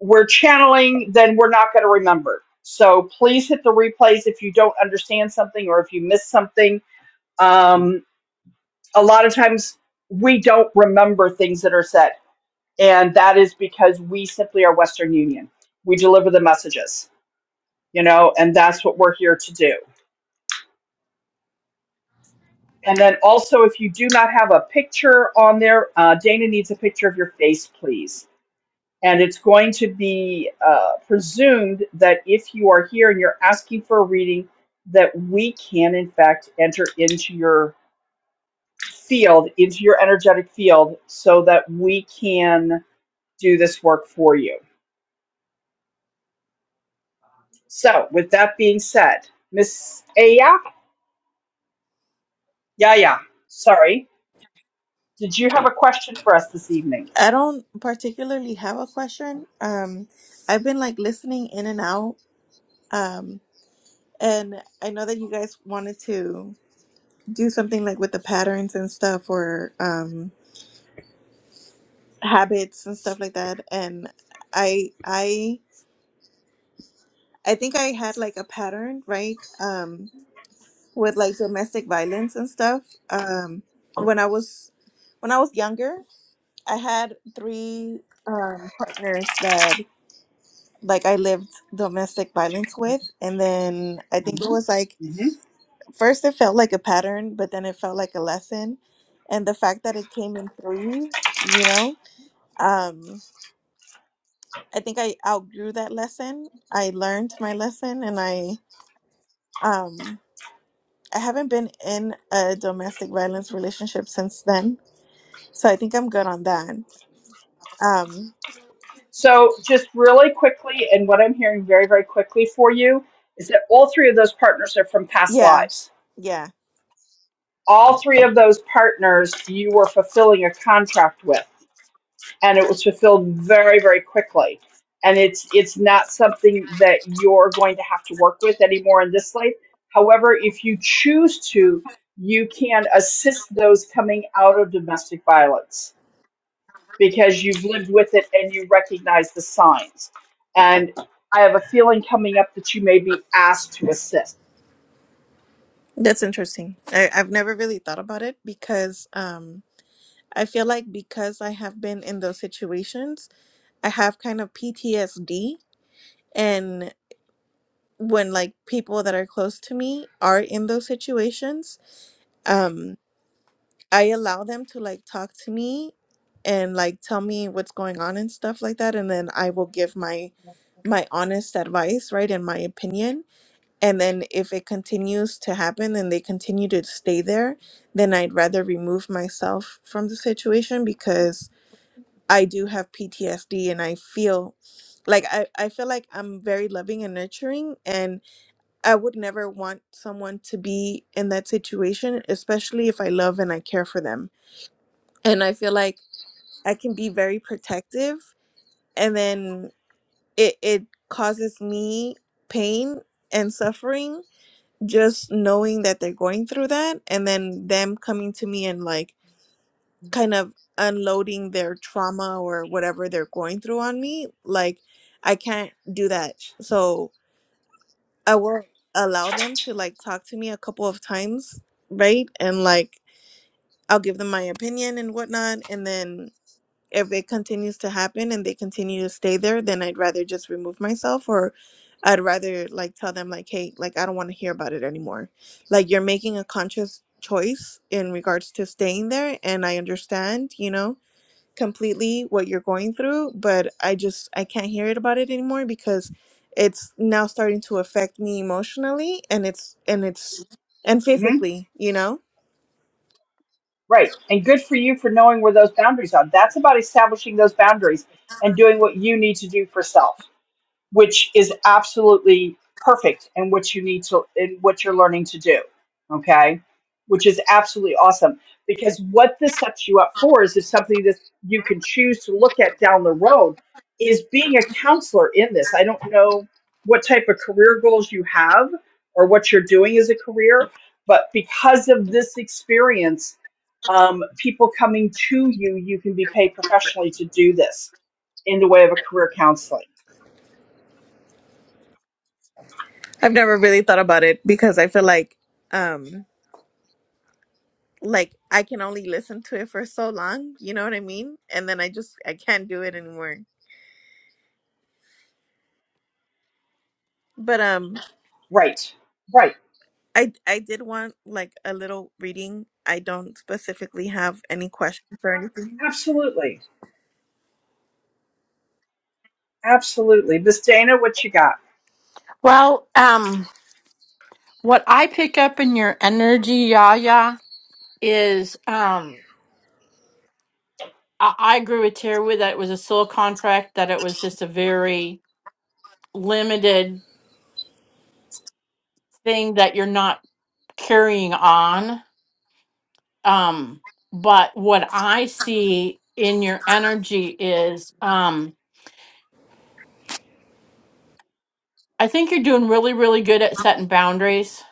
we're channeling, then we're not going to remember. So please hit the replays if you don't understand something or if you miss something. Um, a lot of times we don't remember things that are said, and that is because we simply are Western Union. We deliver the messages, you know, and that's what we're here to do. And then also, if you do not have a picture on there, uh, Dana needs a picture of your face, please And it's going to be uh, presumed that if you are here and you're asking for a reading, that we can, in fact, enter into your field, into your energetic field, so that we can do this work for you. So, with that being said, Miss Aya, Yaya, sorry, did you have a question for us this evening?
I don't particularly have a question. Um, I've been like listening in and out. Um, and I know that you guys wanted to do something like with the patterns and stuff or um, habits and stuff like that. And I, I, I think I had like a pattern, right? Um, with like domestic violence and stuff. Um, when I was, when I was younger, I had three um, partners that like I lived domestic violence with. And then I think it was like
hmm
first it felt like a pattern, but then it felt like a lesson. And the fact that it came in three, you know, um, I think I outgrew that lesson. I learned my lesson and I um I haven't been in a domestic violence relationship since then. So I think I'm good on that. Um
So, just really quickly, and what I'm hearing very, very quickly for you is that all three of those partners are from past
yeah.
lives
Yeah.
all three of those partners you were fulfilling a contract with and it was fulfilled very very quickly and it's it's not something that you're going to have to work with anymore in this life however if you choose to you can assist those coming out of domestic violence because you've lived with it and you recognize the signs and i have a feeling coming up that you may be asked to assist
That's interesting. I, I've never really thought about it because um I feel like because I have been in those situations, I have kind of PTSD. And when like people that are close to me are in those situations, um, I allow them to like talk to me and like tell me what's going on and stuff like that. And then I will give my my honest advice, right, and my opinion. And then if it continues to happen and they continue to stay there, then I'd rather remove myself from the situation because I do have PTSD and I feel like I, I feel like I'm very loving and nurturing and I would never want someone to be in that situation, especially if I love and I care for them. And I feel like I can be very protective and then it, it causes me pain and suffering just knowing that they're going through that and then them coming to me and like kind of unloading their trauma or whatever they're going through on me like i can't do that so i will allow them to like talk to me a couple of times right and like i'll give them my opinion and whatnot and then if it continues to happen and they continue to stay there then i'd rather just remove myself or i'd rather like tell them like hey like i don't want to hear about it anymore like you're making a conscious choice in regards to staying there and i understand you know completely what you're going through, but I just I can't hear it about it anymore because it's now starting to affect me emotionally and it's and it's and
Mm-hmm.
physically, you know?
Right. And good for you for knowing where those boundaries are. That's about establishing those boundaries and doing what you need to do for self, which is absolutely perfect in what you need to in what you're learning to do. Okay? Which is absolutely awesome because what this sets you up for is, is something that you can choose to look at down the road is being a counselor in this. I don't know what type of career goals you have or what you're doing as a career, but because of this experience um, people coming to you, you can be paid professionally to do this in the way of a career counseling.
I've never really thought about it because I feel like um like I can only listen to it for so long, you know what I mean? And then I just I can't do it anymore. But um
Right. Right.
I I did want like a little reading. I don't specifically have any questions or anything.
Absolutely. Absolutely. Miss Dana, what you got?
Well, um, what I pick up in your energy, Yaya, is um, I, I agree with Terry with that it was a sole contract, that it was just a very limited thing that you're not carrying on. Um, but what I see in your energy is um, I think you're doing really, really good at setting boundaries,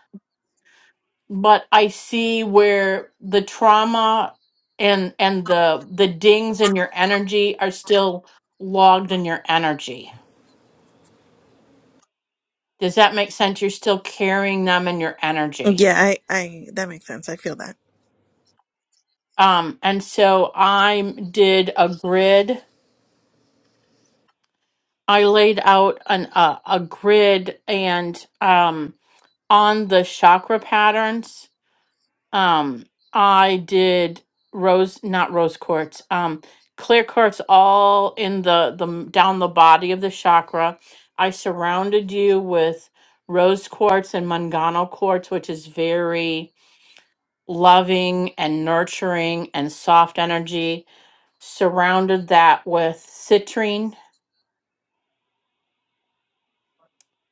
but I see where the trauma and and the the dings in your energy are still logged in your energy. Does that make sense? You're still carrying them in your energy.
Yeah, I I that makes sense. I feel that.
Um, and so I did a grid. I laid out an uh, a a grid and um, on the chakra patterns, um, I did rose, not rose quartz, um, clear quartz all in the the m- down the body of the chakra. I surrounded you with rose quartz and mangano quartz, which is very loving and nurturing and soft energy. Surrounded that with citrine,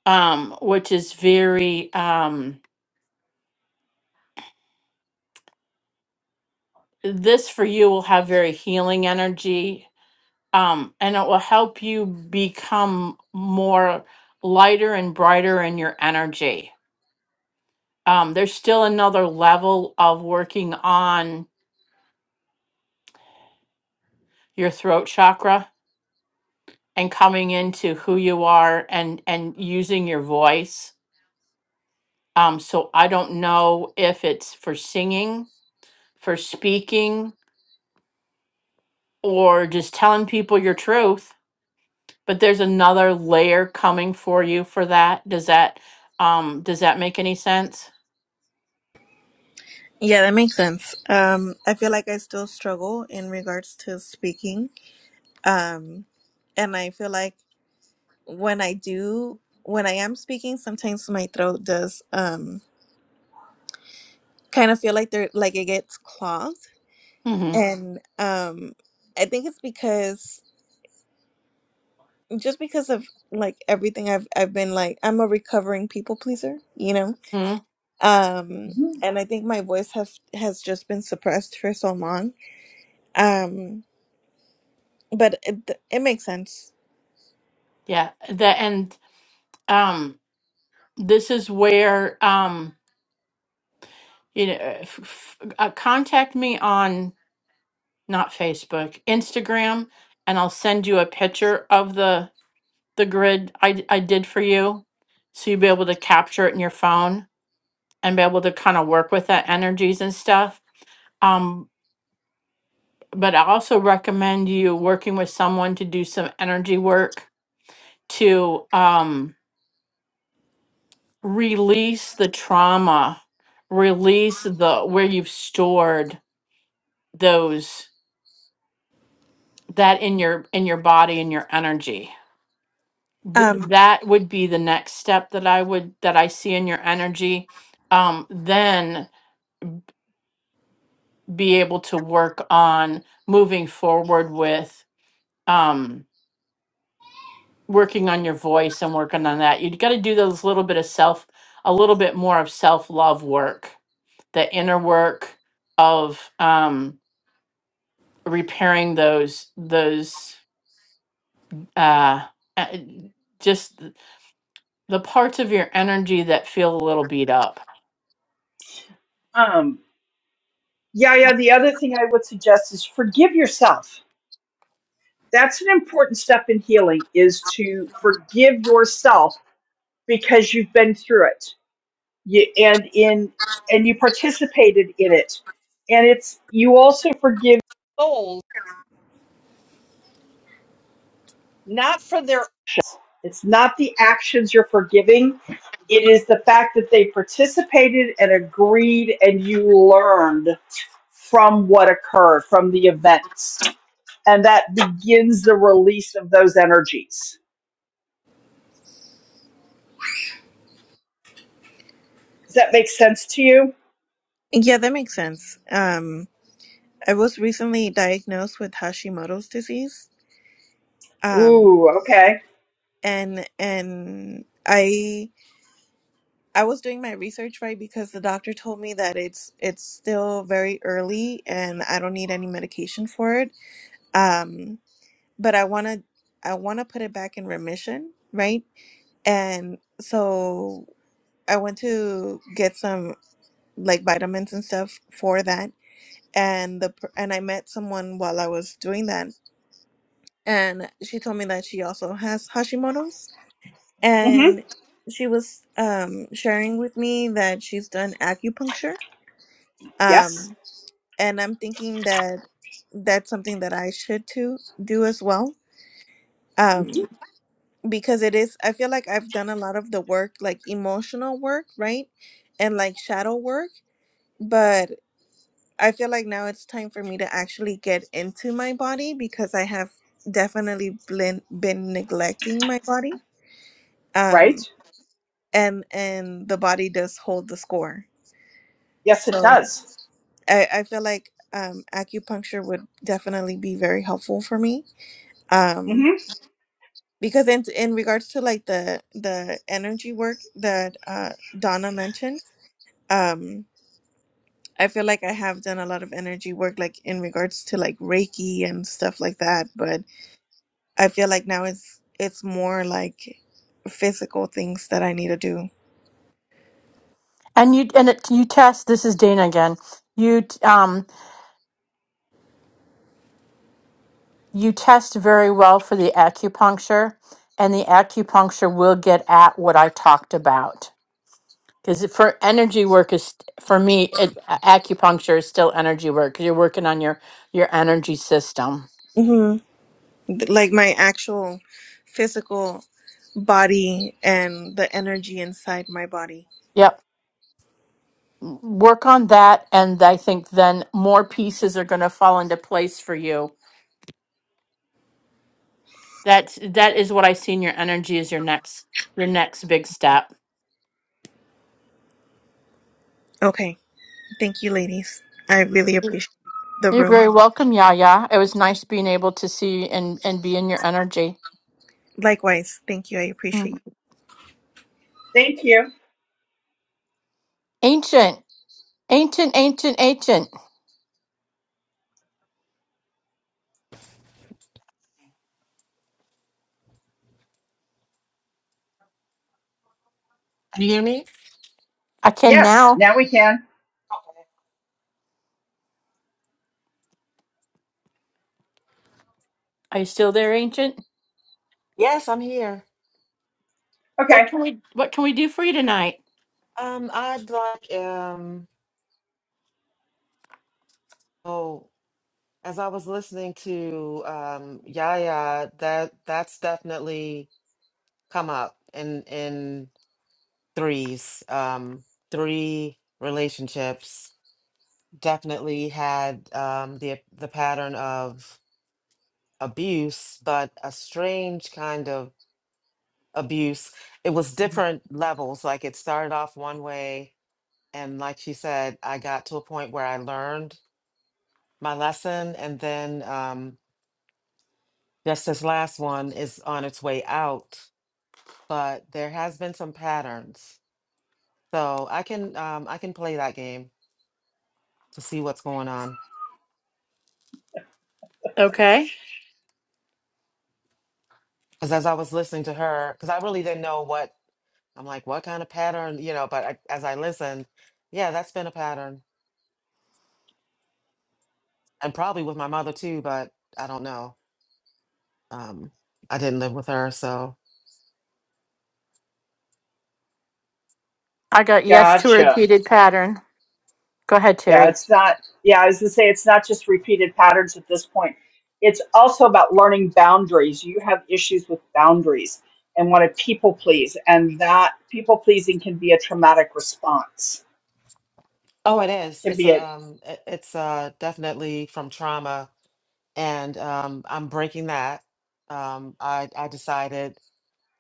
um, which is very um, this for you will have very healing energy um, and it will help you become more lighter and brighter in your energy. Um, there's still another level of working on your throat chakra and coming into who you are and and using your voice. Um, so I don't know if it's for singing, for speaking, or just telling people your truth. But there's another layer coming for you for that. Does that um, does that make any sense?
Yeah, that makes sense. Um, I feel like I still struggle in regards to speaking. Um, and I feel like when I do, when I am speaking, sometimes my throat does um kind of feel like they're like it gets clogged.
Mm-hmm.
And um, I think it's because just because of like everything I've I've been like I'm a recovering people pleaser, you know. Um,
Mhm.
and I think my voice has has just been suppressed for so long. Um, but it, it makes sense
Yeah, the and um this is where um you know uh, f f- uh, contact me on not Facebook, Instagram, and I'll send you a picture of the the grid I d- I did for you so you'll be able to capture it in your phone and be able to kind of work with that energies and stuff. Um but I also recommend you working with someone to do some energy work to um release the trauma release the where you've stored those that in your in your body and your energy Th-
Um,
that would be the next step that i would that i see in your energy um then be able to work on moving forward with um working on your voice and working on that you got to do those little bit of self a little bit more of self love work the inner work of um, repairing those those uh uh, just th- the parts of your energy that feel a little beat up
Um, yeah, yeah. The other thing I would suggest is forgive yourself. That's an important step in healing is to forgive yourself because you've been through it. You, and in and you participated in it. And it's you also forgive not for their actions. it's not the actions you're forgiving. It is the fact that they participated and agreed and you learned from what occurred, from the events. And that begins the release of those energies. Does that make sense to you?
yeah, that makes sense. Um, I was recently diagnosed with Hashimoto's disease. Um,
Ooh, okay.
and and I I was doing my research right because the doctor told me that it's it's still very early and I don't need any medication for it. Um, but I want to I want to put it back in remission, right? And so I went to get some like vitamins and stuff for that and the per- and I met someone while I was doing that, and she told me that she also has Hashimoto's,
Mm-hmm.
and she was um sharing with me that she's done acupuncture,
Yes.
um, and I'm thinking that that's something that I should to do as well,
hmm
um, because it is. I feel like I've done a lot of the work, like emotional work, right, and like shadow work, but. I feel like now it's time for me to actually get into my body because I have definitely been been neglecting my body.
Right?
Um and and the body does hold the score.
Yes, it
So
does.
I, I feel like um acupuncture would definitely be very helpful for me. Um
Mm-hmm.
because in in regards to like the the energy work that uh Donna mentioned, um I feel like I have done a lot of energy work like in regards to like Reiki and stuff like that, but I feel like now it's it's more like physical things that I need to do.
And you and it, you test. This is Dana again. You t- um you test very well for the acupuncture, and the acupuncture will get at what I talked about. Because for energy work is for me, it, a- acupuncture is still energy work because you're working on your your energy system.
hmm Like my actual physical body and the energy inside my body.
Yep. work on that and i think then more pieces are going to fall into place for you that's that is what i see in your energy is your next your next big step
Okay. Thank you ladies. I really
Mm.
appreciate the
you're
room.
very welcome yaya it was nice being able to see and and be in your energy
Likewise. Thank you. I appreciate
Mm.
you.
Thank you.
ancient ancient ancient ancient
Can you hear me?
i can
Yes,
now
now we can.
Okay.
are you still there ancient
Yes, I'm here.
what
Okay.
can we what can we do for you tonight
Um I'd like um oh As I was listening to um, Yaya, that that's definitely come up in in threes. Um, three relationships definitely had um, the the pattern of abuse, but a strange kind of abuse. It was different levels. Like it started off one way, and like she said, I got to a point where I learned my lesson, and then. Um, Just this last one is on its way out, but there has been some patterns. So I can um, I can play that game to see what's going on.
okay
Because as I was listening to her, because I really didn't know what I'm like, what kind of pattern, you know. But I, as I listened, yeah, that's been a pattern, and probably with my mother too. But I don't know. Um, I didn't live with her, so
i got yes to a
Gotcha.
repeated pattern go ahead
Yeah,
terry
it's not. Yeah, I was gonna say it's not just repeated patterns at this point. It's also about learning boundaries. You have issues with boundaries and want to people please, and that people pleasing can be a traumatic response.
oh, it is.
Can
It's
be
a
a
um, it- it's uh, definitely from trauma, and um, I'm breaking that. Um, I I decided.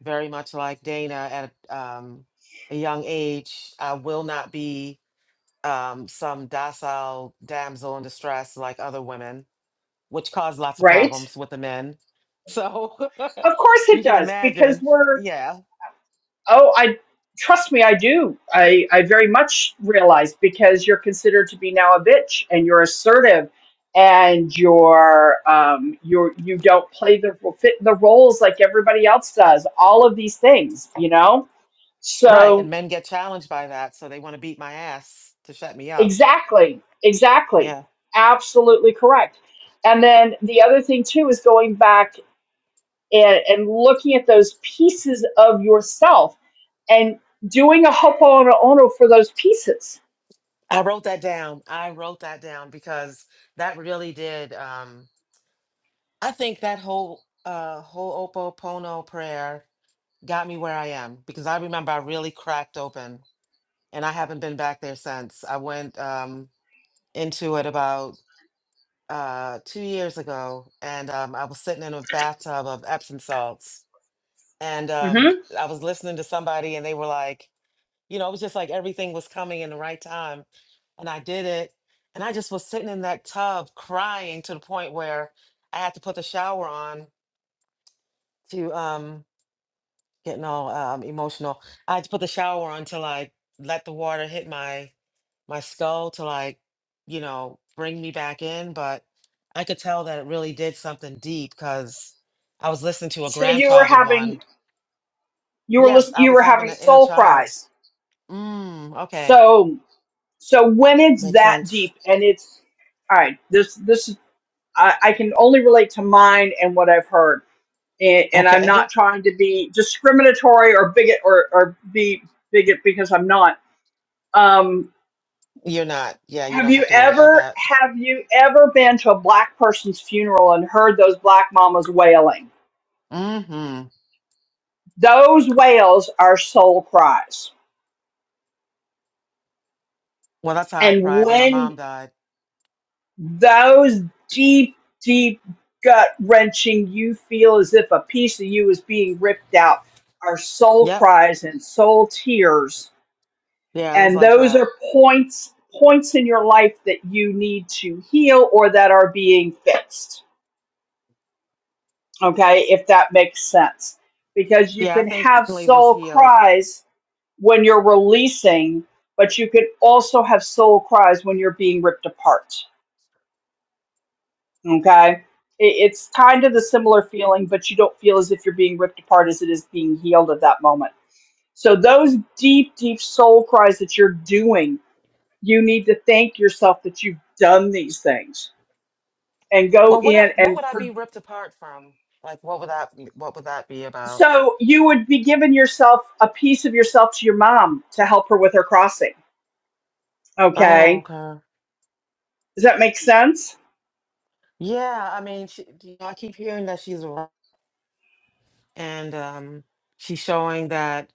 very much like Dana at um, a young age. I will not be um, some docile damsel in distress like other women, which caused lots of
right.
problems with the men. So
Of course
you
it
can
does because
imagine.
we're
Yeah.
Oh, I trust me, I do. I, I very much realize because you're considered to be now a bitch and you're assertive and you're um you're you don't play the fit the roles like everybody else does. All of these things, you know?
Right. And
So
men get challenged by that. So they want to beat my ass to shut me up.
exactly, exactly.
Yeah.
Absolutely correct. And then the other thing too is going back and, and looking at those pieces of yourself and doing a hopo ono for those pieces
I wrote that down. I wrote that down because that really did. Um, I think that whole uh, whole Opo'opono prayer got me where I am because I remember I really cracked open and I haven't been back there since. I went um, into it about uh, two years ago and um, I was sitting in a bathtub of Epsom salts and um,
hmm
I was listening to somebody and they were like, you know, it was just like everything was coming in the right time. And I did it. And I just was sitting in that tub crying to the point where I had to put the shower on to um, getting all um, emotional. I had to put the shower on till I let the water hit my my skull to like, you know, bring me back in. But I could tell that it really did something deep because I was listening to a
so you were
grandfather
having
one.
you were
Yeah,
listening
I
you
was
were
having
having
an inner
soul
child.
cries
Mm, okay.
so so when it's
Makes
that
sense.
deep and it's all right this this I, I can only relate to mine and what I've heard and, and I'm not
Okay.
trying to be discriminatory or bigot or, or be bigot because I'm not um
You're not. Yeah, you
have
don't have
you
to worry about
ever
that.
have you ever been to a black person's funeral and heard those black mamas wailing
Mm-hmm.
those wails are soul cries
Well, that's how I
and
cried when my
when
mom died.
Those deep, deep gut wrenching, you feel as if a piece of you is being ripped out, are soul
Yep.
cries and soul tears.
Yeah, it was
And
like
those
that.
are points points in your life that you need to heal or that are being fixed. Okay, if that makes sense. Because you
Yeah, I
can
think
have
Stanley was
soul
healed.
cries when you're releasing, but you can also have soul cries when you're being ripped apart Okay. It, it's kind of the similar feeling, but you don't feel as if you're being ripped apart as it is being healed at that moment. So, those deep, deep soul cries that you're doing, you need to thank yourself that you've done these things and go
Well, what
in
I- what
and.
would I be
For,
ripped apart from? Like, what would that what would that be about?
so, you would be giving yourself a piece of yourself to your mom to help her with her crossing.
Oh,
Okay.
okay.
Does that make sense?
Yeah, I mean, she, you know, I keep hearing that she's a ro- and um, she's showing that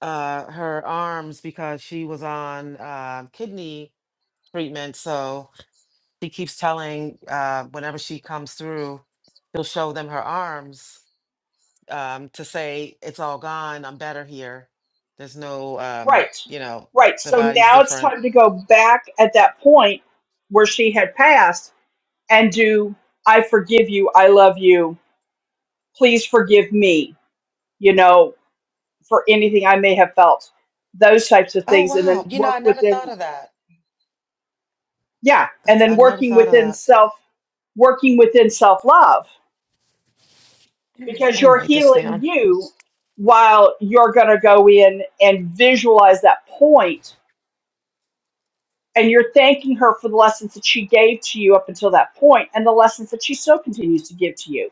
uh her arms because she was on uh, kidney treatment. So she keeps telling uh, whenever she comes through, she'll show them her arms um, to say it's all gone. I'm better here. There's no, um,
Right.
you know,
Right.
the
So,
body's
now it's
different
time to go back at that point where she had passed and do I forgive you, I love you, please forgive me, you know, for anything I may have felt, those types of
Oh
things, and then
wow. You know,
work
I never thought
within,
of that.
yeah, and
That's
then
I never
working
thought of
within
that.
self, working within self love,
Let
because
me
you're
write this
healing
down.
you while you're going to go in and visualize that point and you're thanking her for the lessons that she gave to you up until that point and the lessons that she still continues to give to you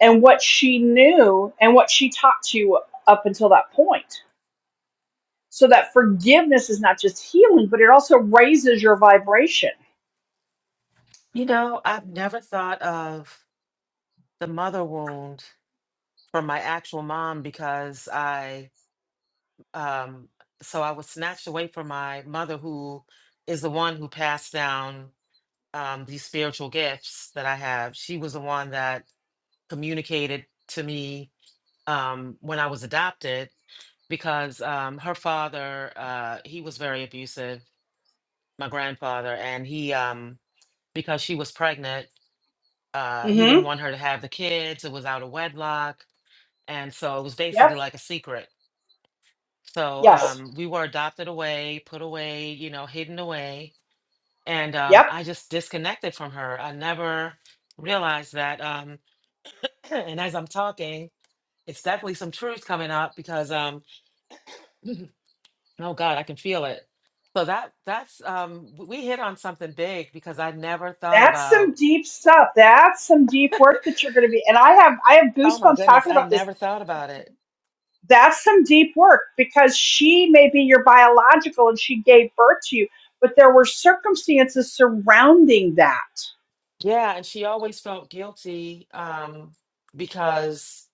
and what she knew and what she taught to you up until that point so that forgiveness is not just healing but it also raises your vibration
You know, I've never thought of the mother wound from my actual mom because I um so I was snatched away from my mother who is the one who passed down um these spiritual gifts that I have. She was the one that communicated to me um when I was adopted because um her father uh he was very abusive my grandfather and he um because she was pregnant uh he didn't
mm-hmm
want her to have the kids it was out of wedlock and so it was basically
yep
like a secret so
yes
um we were adopted away put away you know hidden away and um
yep
i just disconnected from her i never realized that um and as i'm talking it's definitely some truth coming up because um oh god i can feel it so that that's um w- we hit on something big because i never thought
that's
about
some deep stuff that's some deep work that you're going to be and i have i have
Oh my
goosebumps
goodness,
talking
I
about this
never thought about it.
that's some deep work because she may be your biological and she gave birth to you, but there were circumstances surrounding that.
Yeah, and she always felt guilty um because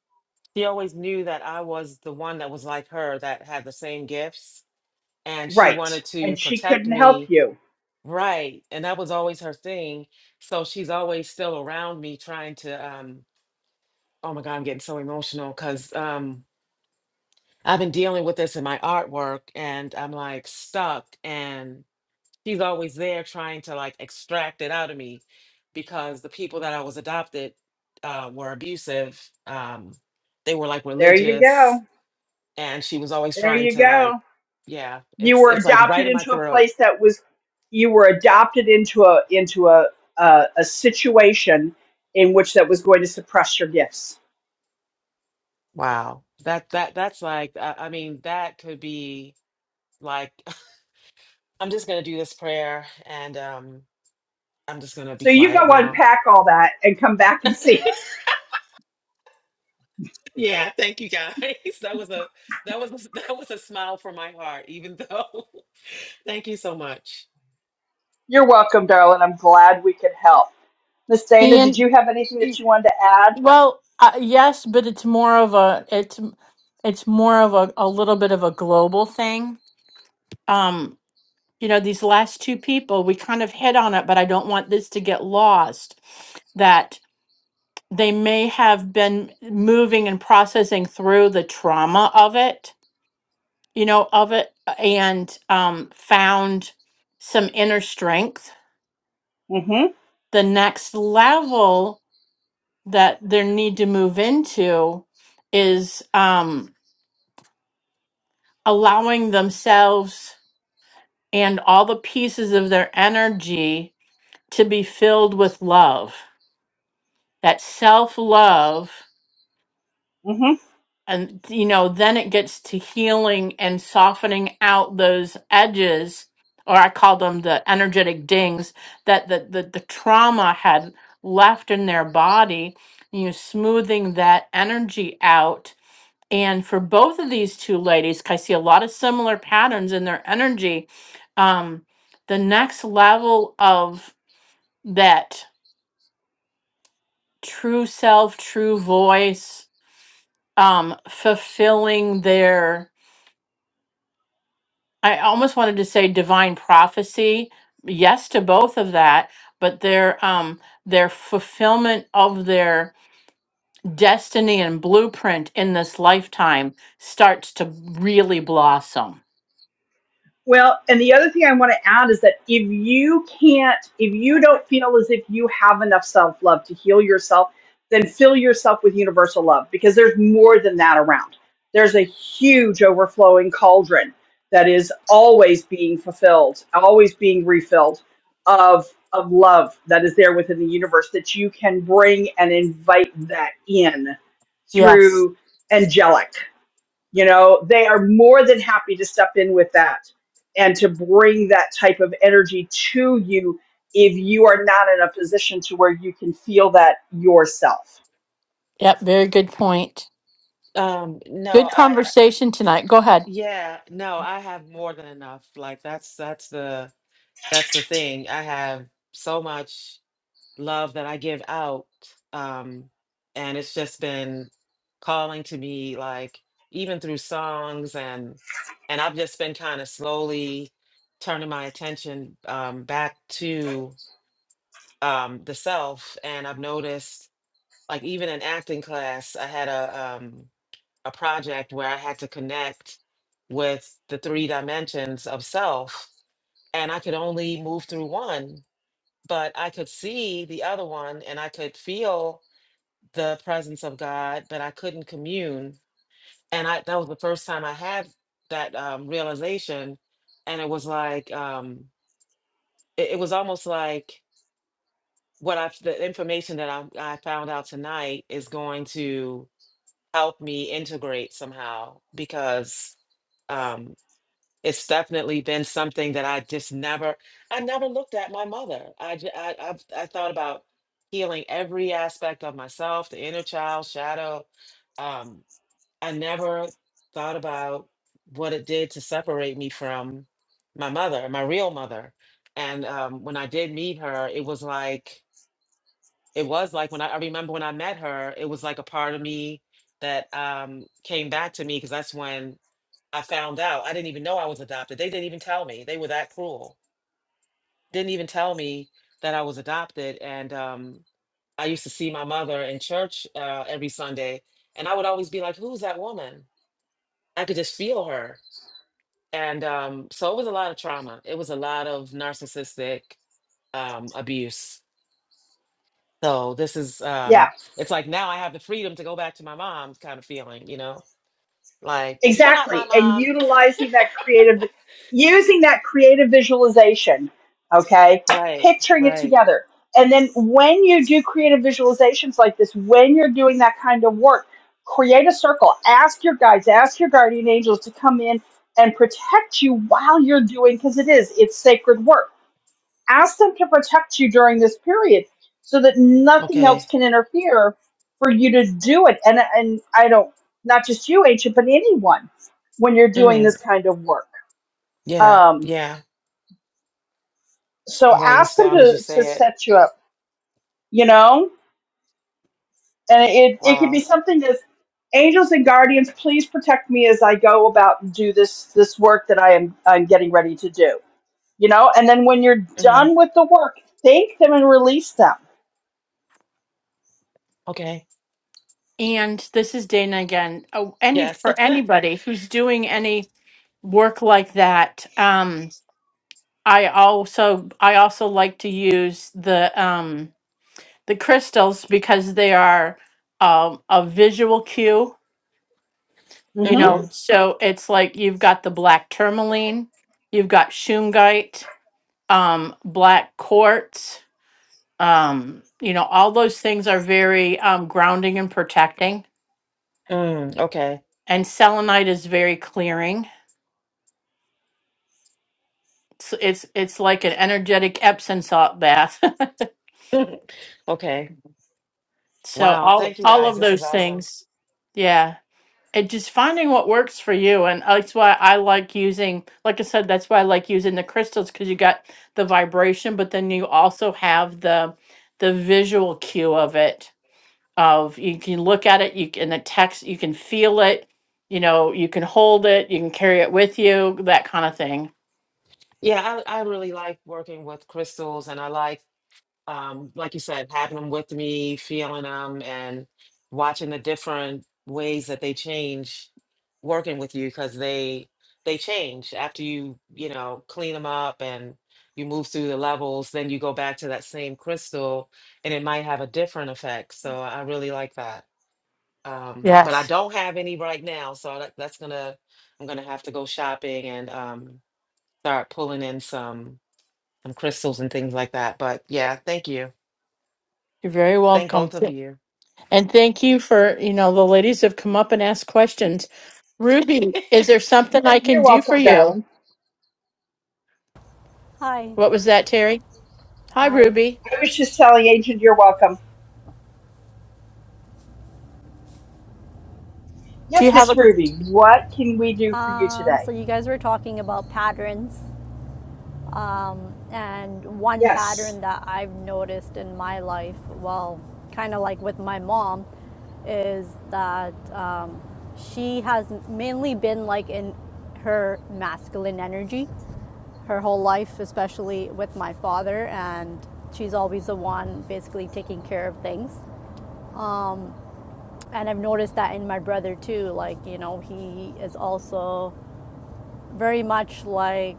she always knew that I was the one that was like her that had the same gifts and she
Right.
wanted to
And she
protect
couldn't help
me,
you.
right? And that was always her thing. So she's always still around me trying to um oh my God, I'm getting so emotional because um I've been dealing with this in my artwork and I'm like stuck and. she's always there trying to like extract it out of me because the people that I was adopted uh, were abusive. Um, they were like
There you
religious,
go.
and she was always
There
trying
you
to like,
go.
yeah,
You
it's
were
it's like right
adopted
in my
into a
throat.
place that was you were adopted into a into a a, a situation in which that was going to suppress your gifts.
Wow, that that that's like, uh, I mean, that could be like, I'm just gonna do this prayer, and um, I'm just gonna be
So you go
quiet now.
unpack all that and come back and see. us.
yeah, thank you guys. That was a that was a, that was a smile from my heart, even though. Thank you so much.
You're welcome, darling. I'm glad we could help. Miss Dana, did
ian
you have anything that you wanted to add?
Well, uh, yes, but it's more of a it's it's more of a, a little bit of a global thing. Um, you know, these last two people, we kind of hit on it, but I don't want this to get lost that they may have been moving and processing through the trauma of it, you know, of it, and um, found some inner strength.
Mm-hmm.
The next level that they need to move into is. Um, allowing themselves and all the pieces of their energy to be filled with love that self love
Mm-hmm.
and you know then it gets to healing and softening out those edges or i call them the energetic dings that the, the, the trauma had left in their body you know smoothing that energy out And for both of these two ladies, 'cause I see a lot of similar patterns in their energy. Um, the next level of that true self, true voice, um, fulfilling their, I almost wanted to say divine prophecy. Yes to both of that, but their um their fulfillment of their destiny and blueprint in this lifetime starts to really blossom.
Well, and the other thing I want to add is that if you can't, if you don't feel as if you have enough self love to heal yourself, then fill yourself with universal love because there's more than that around. There's a huge overflowing cauldron that is always being fulfilled, always being refilled of of love that is there within the universe that you can bring and invite that in
Yes.
through angelic. you know they are more than happy to step in with that and to bring that type of energy to you if you are not in a position to where you can feel that yourself
Yep, very good point.
Um, no,
Good
I I-
conversation tonight. Go ahead.
yeah, no, I have more than enough. Like that's that's the that's the thing. I have so much love that I give out. Um, and it's just been calling to me like even through songs and and I've just been kind of slowly turning my attention um back to um the self and I've noticed like even in acting class, I had a um a project where I had to connect with the three dimensions of self, and I could only move through one, but I could see the other one and I could feel the presence of God, but I couldn't commune. And I that was the first time I had that um, realization, and it was like um, it, it was almost like what I the information that I, I found out tonight is going to help me integrate somehow because um, it's definitely been something that I just never, I never looked at my mother. I, j- I, I've- I, thought about healing every aspect of myself, the inner child, shadow. Um, I never thought about what it did to separate me from my mother, my real mother. And um, when I did meet her, it was like, it was like when I, I remember when I met her, it was like a part of me that um, came back to me because that's when I found out. I didn't even know I was adopted. They didn't even tell me. They were that cruel. Didn't even tell me that I was adopted. And um, I used to see my mother in church uh, every Sunday, and I would always be like, "Who's that woman?" I could just feel her. And um, so it was a lot of trauma. It was a lot of narcissistic um, abuse. So this is,
Yeah.
um, it's like now I have the freedom to go back to my mom kind of feeling, you know, like, you're not my
Exactly. And
mom.
utilizing that creative, using that creative visualization, okay?
Right,
Picturing it
right.
together. And then when you do creative visualizations like this, when you're doing that kind of work, create a circle. Ask your guides, ask your guardian angels to come in and protect you while you're doing, because it is, it's sacred work ask them to protect you during this period so that nothing else
Okay.
can interfere for you to do it and and i don't not just you ancient but anyone when you're doing
mm.
this kind of work
Yeah,
um
yeah.
so
I'm writing this
ask them
down as you
to to
say it.
set you up you know and it it could be
Wow.
something that's angels and guardians please protect me as i go about and do this this work that i am i'm getting ready to do you know and then when you're
hmm
done with the work thank them and release them
Okay.
And this is Dana again. Oh, any
Yes.
for anybody who's doing any work like that, um, I also I also like to use the um, the crystals because they are um, a visual cue. You
hmm
know, Mhm.
hmm
so it's like you've got the black tourmaline, you've got shungite, um, black quartz. Um, you know, all those things are very um, grounding and protecting
Mm, okay.
and selenite is very clearing. It's it's, it's like an energetic Epsom salt bath.
Okay.
so
Wow.
all
Thank you
all
guys.
of
This is
those
awesome.
things, yeah. And just finding what works for you, and that's why I like using. Like I said, that's why I like using the crystals because you got the vibration, but then you also have the the visual cue of it. Of you can look at it, you can the text, you can feel it. You know, you can hold it, you can carry it with you, that kind of thing.
Yeah, I, I really like working with crystals and I like um, like you said, having them with me, feeling them, and watching the different ways that they change working with you because they they change after you you know clean them up and you move through the levels. Then you go back to that same crystal, and it might have a different effect. So I really like that. Um, but I
Yes.
don't have any right now, so that, that's gonna I'm gonna have to go shopping and um, start pulling in some some crystals and things like that. But yeah, thank you.
You're very
Thank
welcome.
both of you.
And thank you for, you know, the ladies have come up and asked questions. Ruby, is there something I can
you're
do
welcome
for
darling
you?
Hi.
What was that, Terry? Hi,
Hi.
Ruby.
I was just telling Agent, you're welcome.
Do you
Yes,
have
Miss
a
Ruby, what can we do for you
Um,
today?
so you guys were talking about patterns, um, and one
Yes.
pattern that I've noticed in my life, well, kind of like with my mom, is that um, she has mainly been like in her masculine energy her whole life, especially with my father, and she's always the one basically taking care of things. Um, And I've noticed that in my brother too. Like, you know, he is also very much like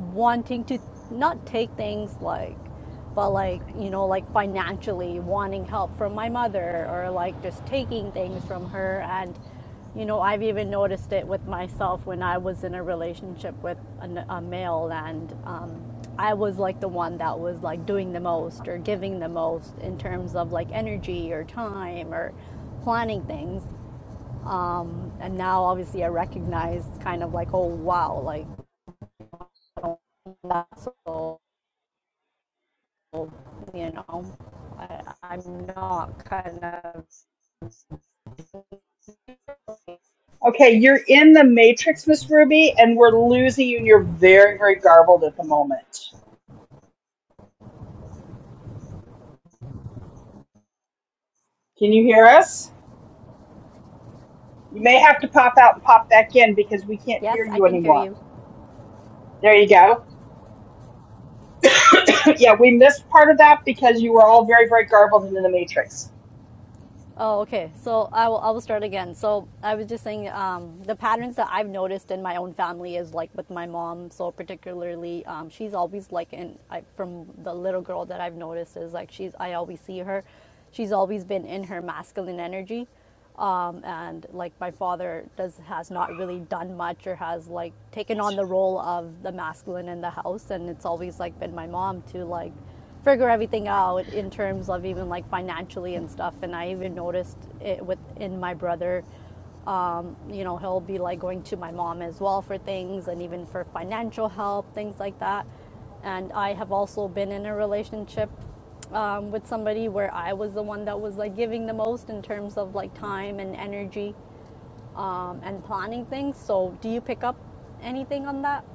wanting to not take things like but like you know like financially wanting help from my mother or like just taking things from her and you know i've even noticed it with myself when i was in a relationship with an, a male and um, i was like the one that was like doing the most or giving the most in terms of like energy or time or planning things um, and now obviously i recognize kind of like oh wow like that's so you know I, i'm not kind of
Okay, you're in the matrix, Miss Ruby, and we're losing you, and you're very, very garbled at the moment. Can you hear us? You may have to pop out and pop back in because we can't
yes
hear
i
you
can hear
anymore.
you
There you go. yeah, we missed part of that because you were all very, very garbled and in the matrix.
Oh, okay. So I will, I will start again. So I was just saying um, the patterns that I've noticed in my own family is like with my mom. So particularly, um, she's always like, in I, from the little girl that I've noticed is like she's. I always see her. She's always been in her masculine energy, um, and like my father does has not really done much or has like taken on the role of the masculine in the house, and it's always like been my mom to like figure everything out in terms of even like financially and stuff. And I even noticed it within my brother. Um, you know, he'll be like going to my mom as well for things and even for financial help, things like that. And I have also been in a relationship um, with somebody where I was the one that was like giving the most in terms of like time and energy um, and planning things. So, do you pick up anything on that?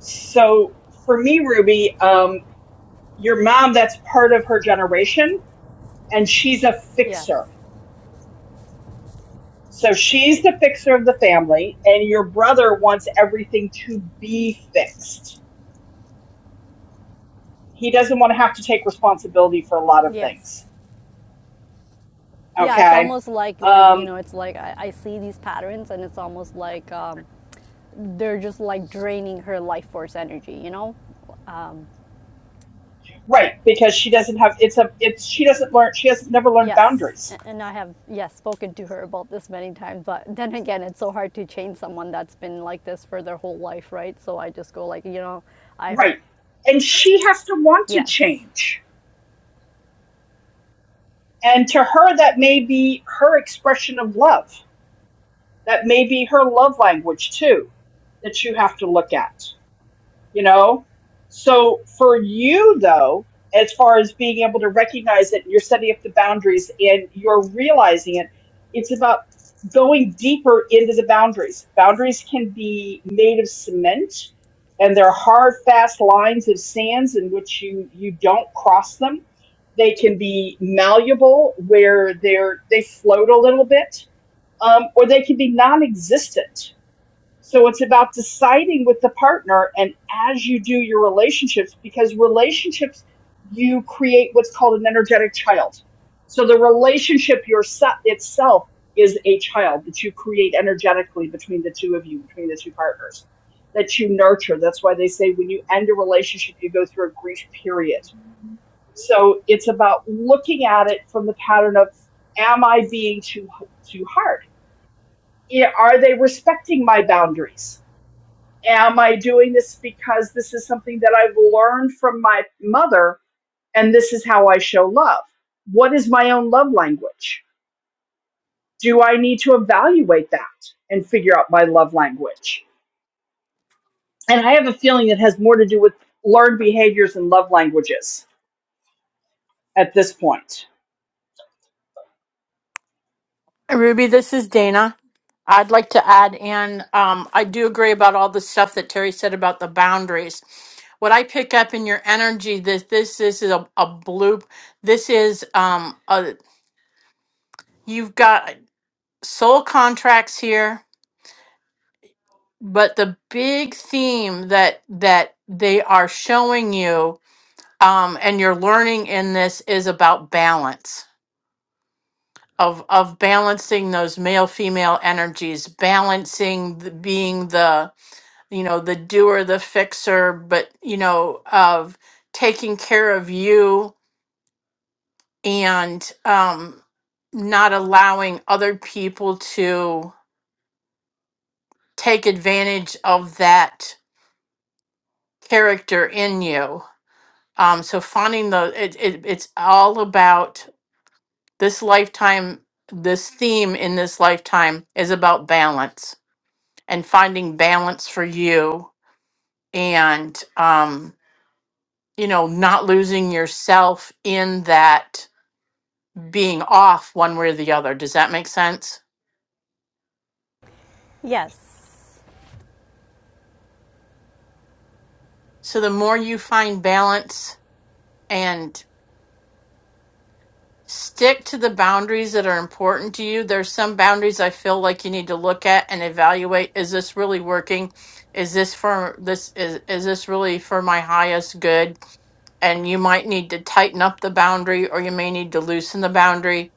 So for me, Ruby, um, your mom, that's part of her generation, and she's a
Yes.
fixer So she's the fixer of the family, and your brother wants everything to be fixed. He doesn't want to have to take responsibility for a lot of
Yes.
things.
Yeah, it's
Okay.
almost like like you
Um,
know, it's like I, I see these patterns, and it's almost like um, they're just like draining her life force energy. You know?
right, because she doesn't have it's a it's she doesn't learn she hasn't never learned
Yes.
boundaries.
And I have yes spoken to her about this many times, but then again, it's so hard to change someone that's been like this for their whole life, right? So I just go like, you know, I hope
Right. And she has to want to
yes.
change. And to her that may be her expression of love. That may be her love language too, that you have to look at. you know? So for you though, as far as being able to recognize it, you're setting up the boundaries and you're realizing it, it's about going deeper into the boundaries. Boundaries can be made of cement and they're hard, fast lines of sands in which you, you don't cross them. They can be malleable where they're they float a little bit, um, or they can be non-existent. So it's about deciding with the partner and as you do your relationships, because relationships, you create what's called an energetic child. So the relationship yourself itself is a child that you create energetically between the two of you, between the two partners, that you nurture. That's why they say when you end a relationship, you go through a grief period. So it's about looking at it from the pattern of, am I being too, too hard? Yeah, Are they respecting my boundaries? am I doing this because this is something that I've learned from my mother and this is how I show love? What is my own love language? Do I need to evaluate that and figure out my love language? And I have a feeling it has more to do with learned behaviors and love languages at this point.
Ruby? This is Dana. I'd like to add in, um, I do agree about all the stuff that Terry said about the boundaries. What I pick up in your energy, this this, this is a, a bloop. This is um, a, you've got soul contracts here but the big theme that that they are showing you um, and you're learning in this is about balance of of balancing those male female energies balancing the, being the you know the doer the fixer but you know of taking care of you and um, not allowing other people to take advantage of that character in you Um, so finding the it, it it's all about this lifetime. This theme in this lifetime is about balance and finding balance for you, and um, you know, not losing yourself in that being off one way or the other. Does that make sense?
Yes.
So the more you find balance and. Stick to the boundaries that are important to you. There's some boundaries I feel like you need to look at and evaluate. Is this really working? Is this for this is is this really for my highest good? And you might need to tighten up the boundary or you may need to loosen the boundary.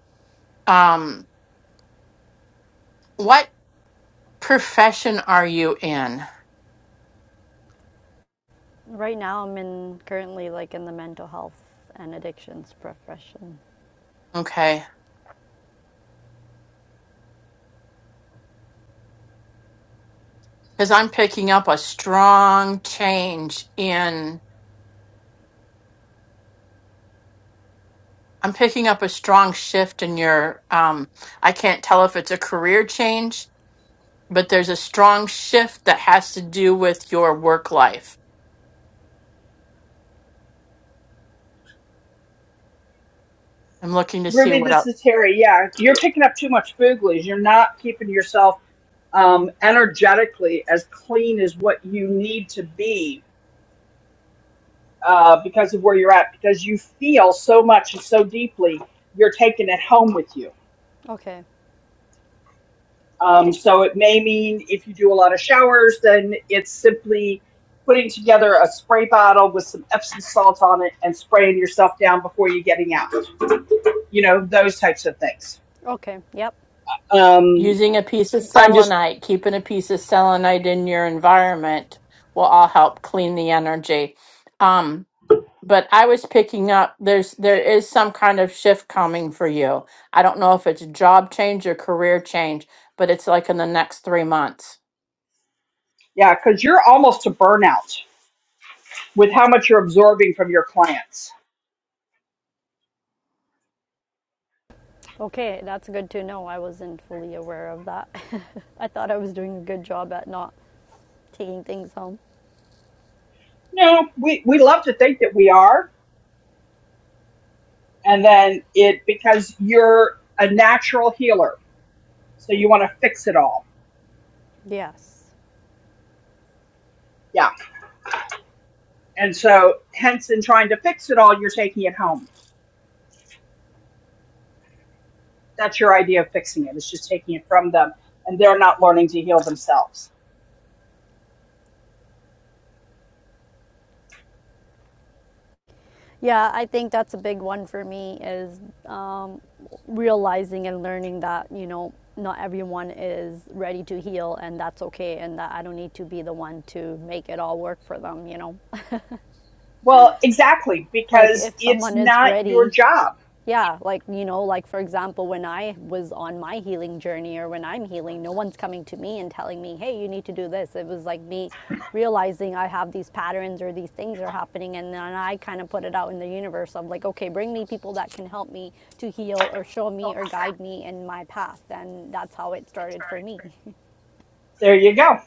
Um what profession are you in?
Right now, I'm in currently like in the mental health and addictions profession.
Okay. Cuz I'm picking up a strong change in I'm picking up a strong shift in your um I can't tell if it's a career change but there's a strong shift that has to do with your work life. I'm looking to see
Ruby,
what
this
else.
is Terry. Yeah, you're picking up too much food, You're not keeping yourself um, energetically as clean as what you need to be uh, because of where you're at, because you feel so much and so deeply, you're taking it home with you.
Okay.
Um, so it may mean if you do a lot of showers, then it's simply putting together a spray bottle with some Epsom salt on it and spraying yourself down before you're getting out. You know, those types of things.
Okay. Yep.
Um,
Using a piece of
I'm just,
selenite, keeping a piece of selenite in your environment will all help clean the energy. Um, but I was picking up there's there is some kind of shift coming for you. I don't know if it's a job change or career change, but it's like in the next three months.
yeah, because you're almost to burnout with how much you're absorbing from your clients
Okay, that's good to know. I wasn't fully aware of that. I thought I was doing a good job at not taking things home.
No, we, we love to think that we are. And then it, because you're a natural healer. So you want to fix it all.
Yes.
Yeah. And so, hence, in trying to fix it all, you're taking it home. That's your idea of fixing it. It's just taking it from them. And they're not learning to heal themselves.
Yeah, I think that's a big one for me is um, realizing and learning that, you know, not everyone is ready to heal and that's okay and that I don't need to be the one to make it all work for them, you know.
Well, exactly,
like
because
if
it's
someone is
not your
ready
job.
Yeah, like, you know, like for example, when I was on my healing journey or when I'm healing, no one's coming to me and telling me, hey, you need to do this. It was like me realizing I have these patterns or these things are happening. And then I kind of put it out in the universe of like, okay, bring me people that can help me to heal or show me or guide me in my path. And that's how it started for me.
There you go.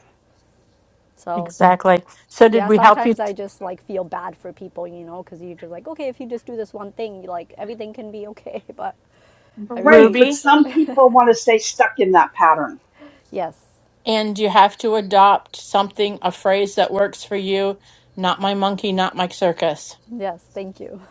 so.
Exactly. So did
Yeah,
we help you,
sometimes I just like feel bad for people, you know, because you're just like, okay, if you just do this one thing, like everything can be okay. But I
Right.
really,
But
Ruby?
some people want to stay stuck in that pattern.
yes,
And you have to adopt something, a phrase that works for you. Not my monkey, not my circus.
Yes, thank you.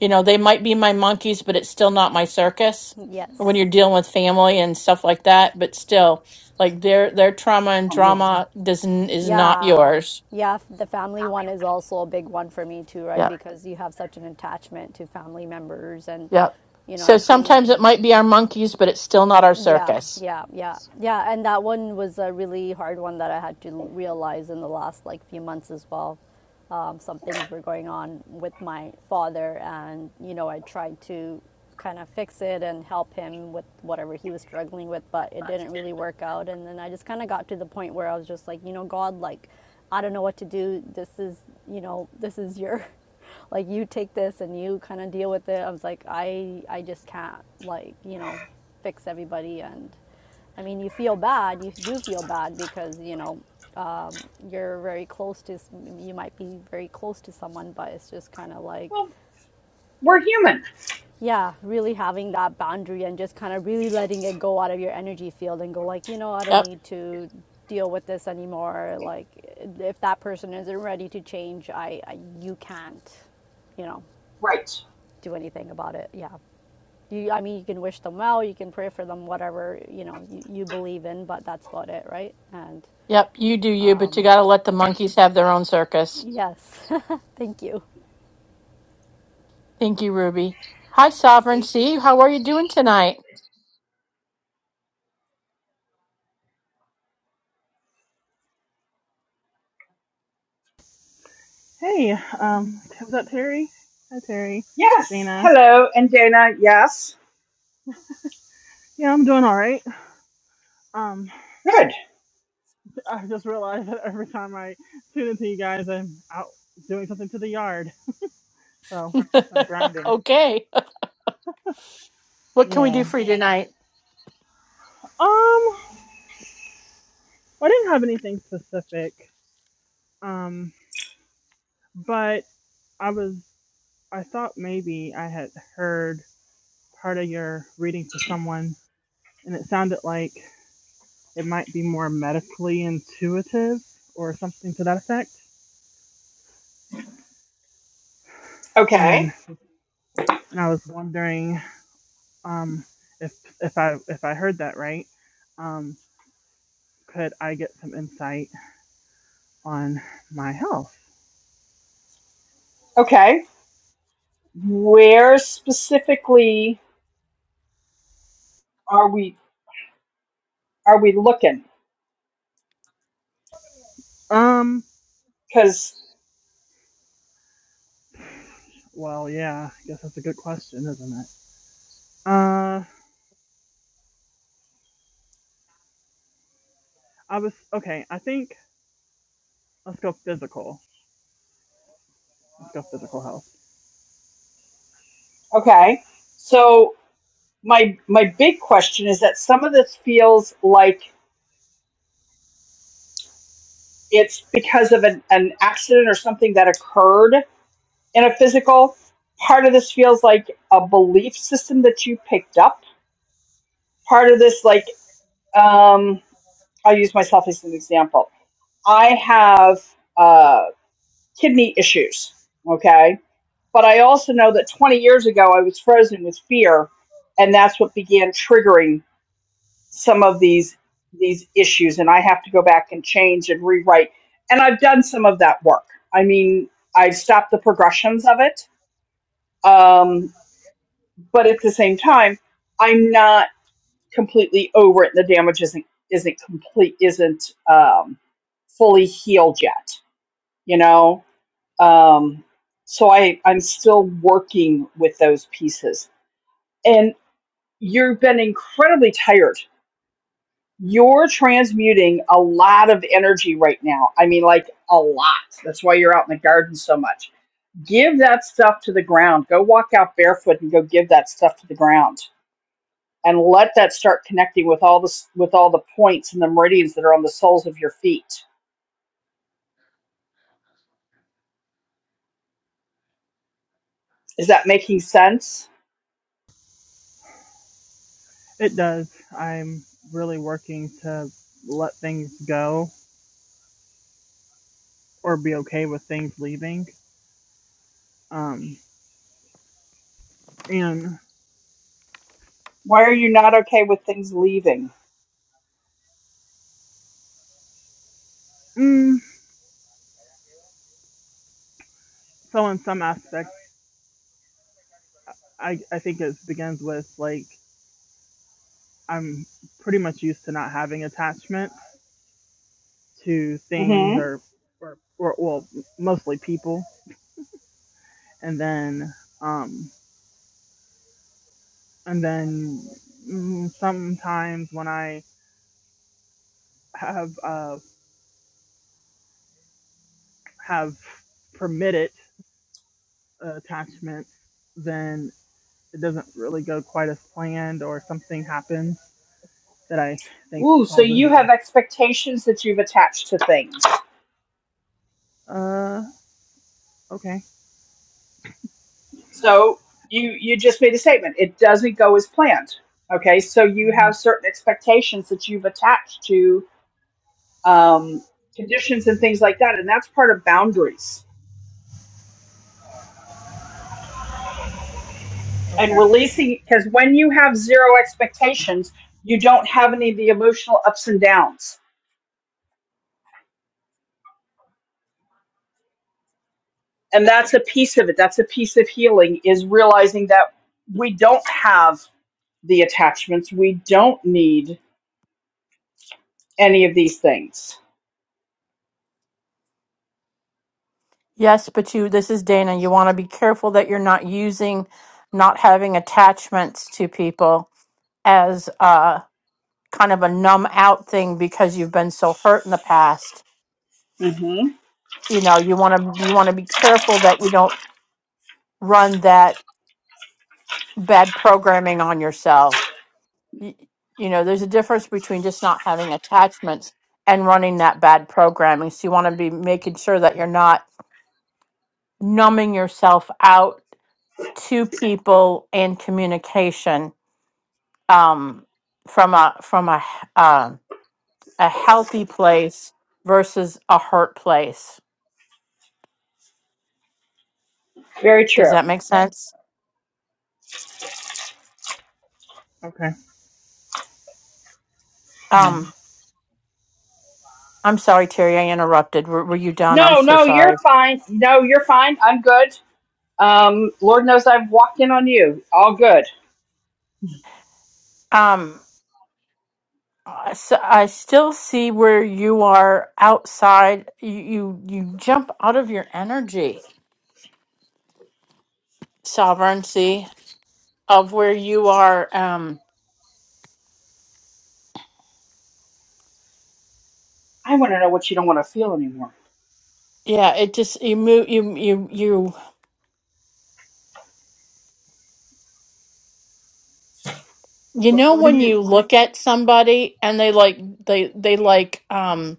You know, they might be my monkeys, but it's still not my circus. When you're
yes.
dealing with family and stuff like that, but still, like their their trauma and
I'll move.
drama doesn't is not
Yeah.
yours.
Yeah, f- the family one is also a big one for me too, right?
Yep,
Because you have such an attachment to family members and
yep.
you know,
So
I've seen
sometimes it might be our monkeys, but it's still not our
Yeah,
circus.
yeah, yeah, yeah. And that one was a really hard one that I had to realize in the last like few months as well. Um, some things were going on with my father, and you know, I tried to kind of fix it and help him with whatever he was struggling with, but it didn't really work out. And then I just kind of got to the point where I was just like, you know, God, like, I don't know what to do. This is, you know, this is your like you take this and you kind of deal with it. I was like, I I just can't like you know fix everybody, and I mean you feel bad, you do feel bad because you know um, you're very close to you might be very close to someone, but it's just kind of like
Well, we're human.
yeah, really having that boundary and just kind of really letting it go out of your energy field and go like you know I don't
Yep,
need to deal with this anymore like if that person isn't ready to change i, I you can't you know
Right.
do anything about it. Yeah. You, I mean, you can wish them well, you can pray for them, whatever you know you, you believe in, but that's about it, right? And
yep. You do you, but you got to let the monkeys have their own circus.
yes, thank you.
Thank you, Ruby. Hi, Sovereignty. How are you doing tonight?
Hey, um, is that Terry? Hi, Terry.
Yes.
Dana.
Hello. And Dana, yes.
Yeah, I'm doing all right. Um,
Good.
I just realized that every time I tune into you guys, I'm out doing something to the yard. So, guess I'm grounding.
okay. What can we do
Yeah.
for you tonight?
Um, I didn't have anything specific. Um, but I was, I thought maybe I had heard part of your reading for someone, and it sounded like it might be more medically intuitive or something to that effect. And
Okay.
and I was wondering um, if if I if I heard that right, um, could I get some insight on my health?
Okay. Where specifically are we are we looking?
Um,
Because
well, yeah, I guess that's a good question, isn't it? Uh, I was okay. I think let's go physical. Let's go physical health.
okay, so my my big question is that some of this feels like it's because of an, an accident or something that occurred in a physical. Part of this feels like a belief system that you picked up. Part of this, like, um, I'll use myself as an example. I have uh, kidney issues. Okay But I also know that 20 years ago, I was frozen with fear, and that's what began triggering some of these these issues. And I have to go back and change and rewrite. And I've done some of that work. I mean, I've stopped the progressions of it, um, but at the same time, I'm not completely over it. The damage isn't isn't complete, isn't um, fully healed yet. You know, um, so I I'm still working with those pieces. and. you've been incredibly tired. You're transmuting a lot of energy right now. I mean, like a lot. That's why you're out in the garden so much. Give that stuff to the ground. Go walk out barefoot and go give that stuff to the ground, and let that start connecting with all the with all the points and the meridians that are on the soles of your feet. Is that making sense?
It does. I'm really working to let things go or be okay with things leaving. Um, and
Why are you not okay with things leaving?
mm, so in some aspects, I I think it begins with like I'm pretty much used to not having attachment to things
Mm-hmm.
or or, or well, mostly people. And then um, and then mm, sometimes when I have uh, have permitted attachment, then it doesn't really go quite as planned, or something happens that I think
Ooh, so
causes
you have
a
expectations that you've attached to things
uh okay
So you you just made a statement. It doesn't go as planned. Okay, so you
mm,
have certain expectations that you've attached to um, conditions and things like that, and that's part of boundaries and
okay
releasing. Because when you have zero expectations, you don't have any of the emotional ups and downs, and that's a piece of it. That's a piece of healing is realizing that we don't have the attachments. We don't need any of these things.
Yes, but you, this is Dana. You want to be careful that you're not using, not having attachments to people as uh, kind of a numb out thing because you've been so hurt in the past.
hmm
You know, you want to, you want to be careful that you don't run that bad programming on yourself. y- you know there's a difference between just not having attachments and running that bad programming so you want to be making sure that you're not numbing yourself out to people and communication um, from a from a h- um a healthy place versus a hurt place
Very
does
true.
that make sense
okay. Hmm.
um i'm sorry terry i interrupted were, were you done i'm
No,
so
no, you're
sorry
fine. No, you're fine. I'm good. Um, Lord knows I've walked in on you. All good.
um I s- I still see where you are outside. You, you you jump out of your energy sovereignty of where you are. Um,
I want to know what you don't want to feel anymore.
yeah, it just you move you you you you
But
know
what do
when
you
you look at somebody and they like they they like um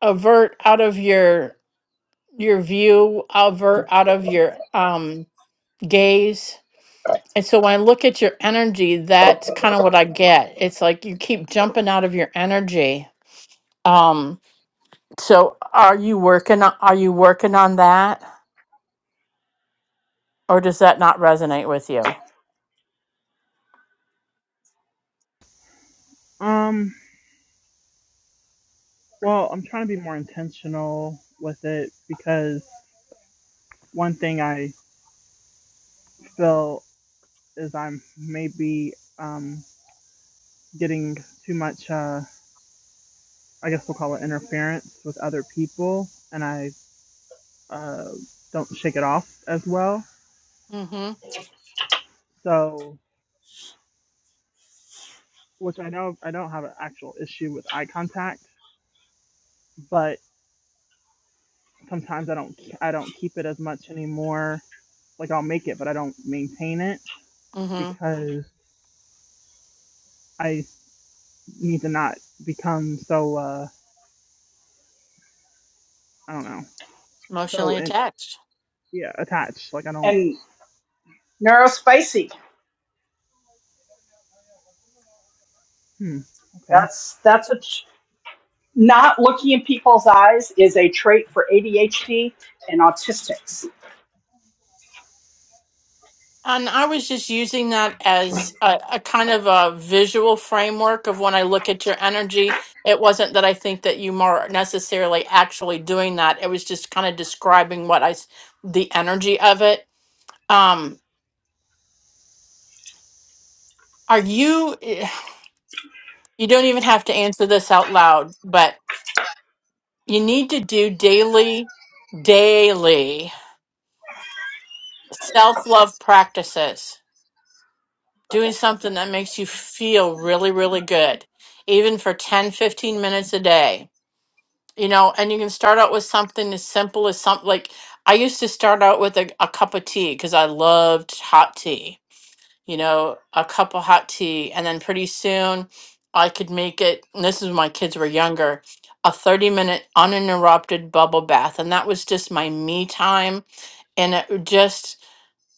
avert out of your your view, avert out of your um gaze. And so when I look at your energy, that's kind of what I get. It's like you keep jumping out of your energy Um, so are you working on, are you working on that or does that not resonate with you?
um? Well, I'm trying to be more intentional with it because one thing I feel is I'm maybe um, getting too much, uh, I guess we'll call it interference with other people, and I uh, don't shake it off as well.
Mm-hmm.
So, which I know I don't have an actual issue with eye contact, but sometimes I don't ke- I don't keep it as much anymore. Like I'll make it, but I don't maintain it
Mm-hmm.
because I need to not become so. Uh, I don't know. So
Emotionally
and
attached.
yeah, attached. Like I don't.
And neurospicy.
Hmm. Okay.
That's that's a tr- not looking in people's eyes is a trait for ADHD and autistics.
And I was just using that as a, a kind of a visual framework of when I look at your energy. It wasn't that I think that you are necessarily actually doing that. It was just kind of describing what I, s- the energy of it. Um, are you, eh, you don't even have to answer this out loud, but You need to do daily, daily self love practices, doing something that makes you feel really, really good, even for 10, 15 minutes a day. You know, and you can start out with something as simple as something like I used to start out with a, a cup of tea because I loved hot tea, you know, a cup of hot tea. And then pretty soon I could make it, and this is when my kids were younger, a 30 minute uninterrupted bubble bath. And that was just my me time and it just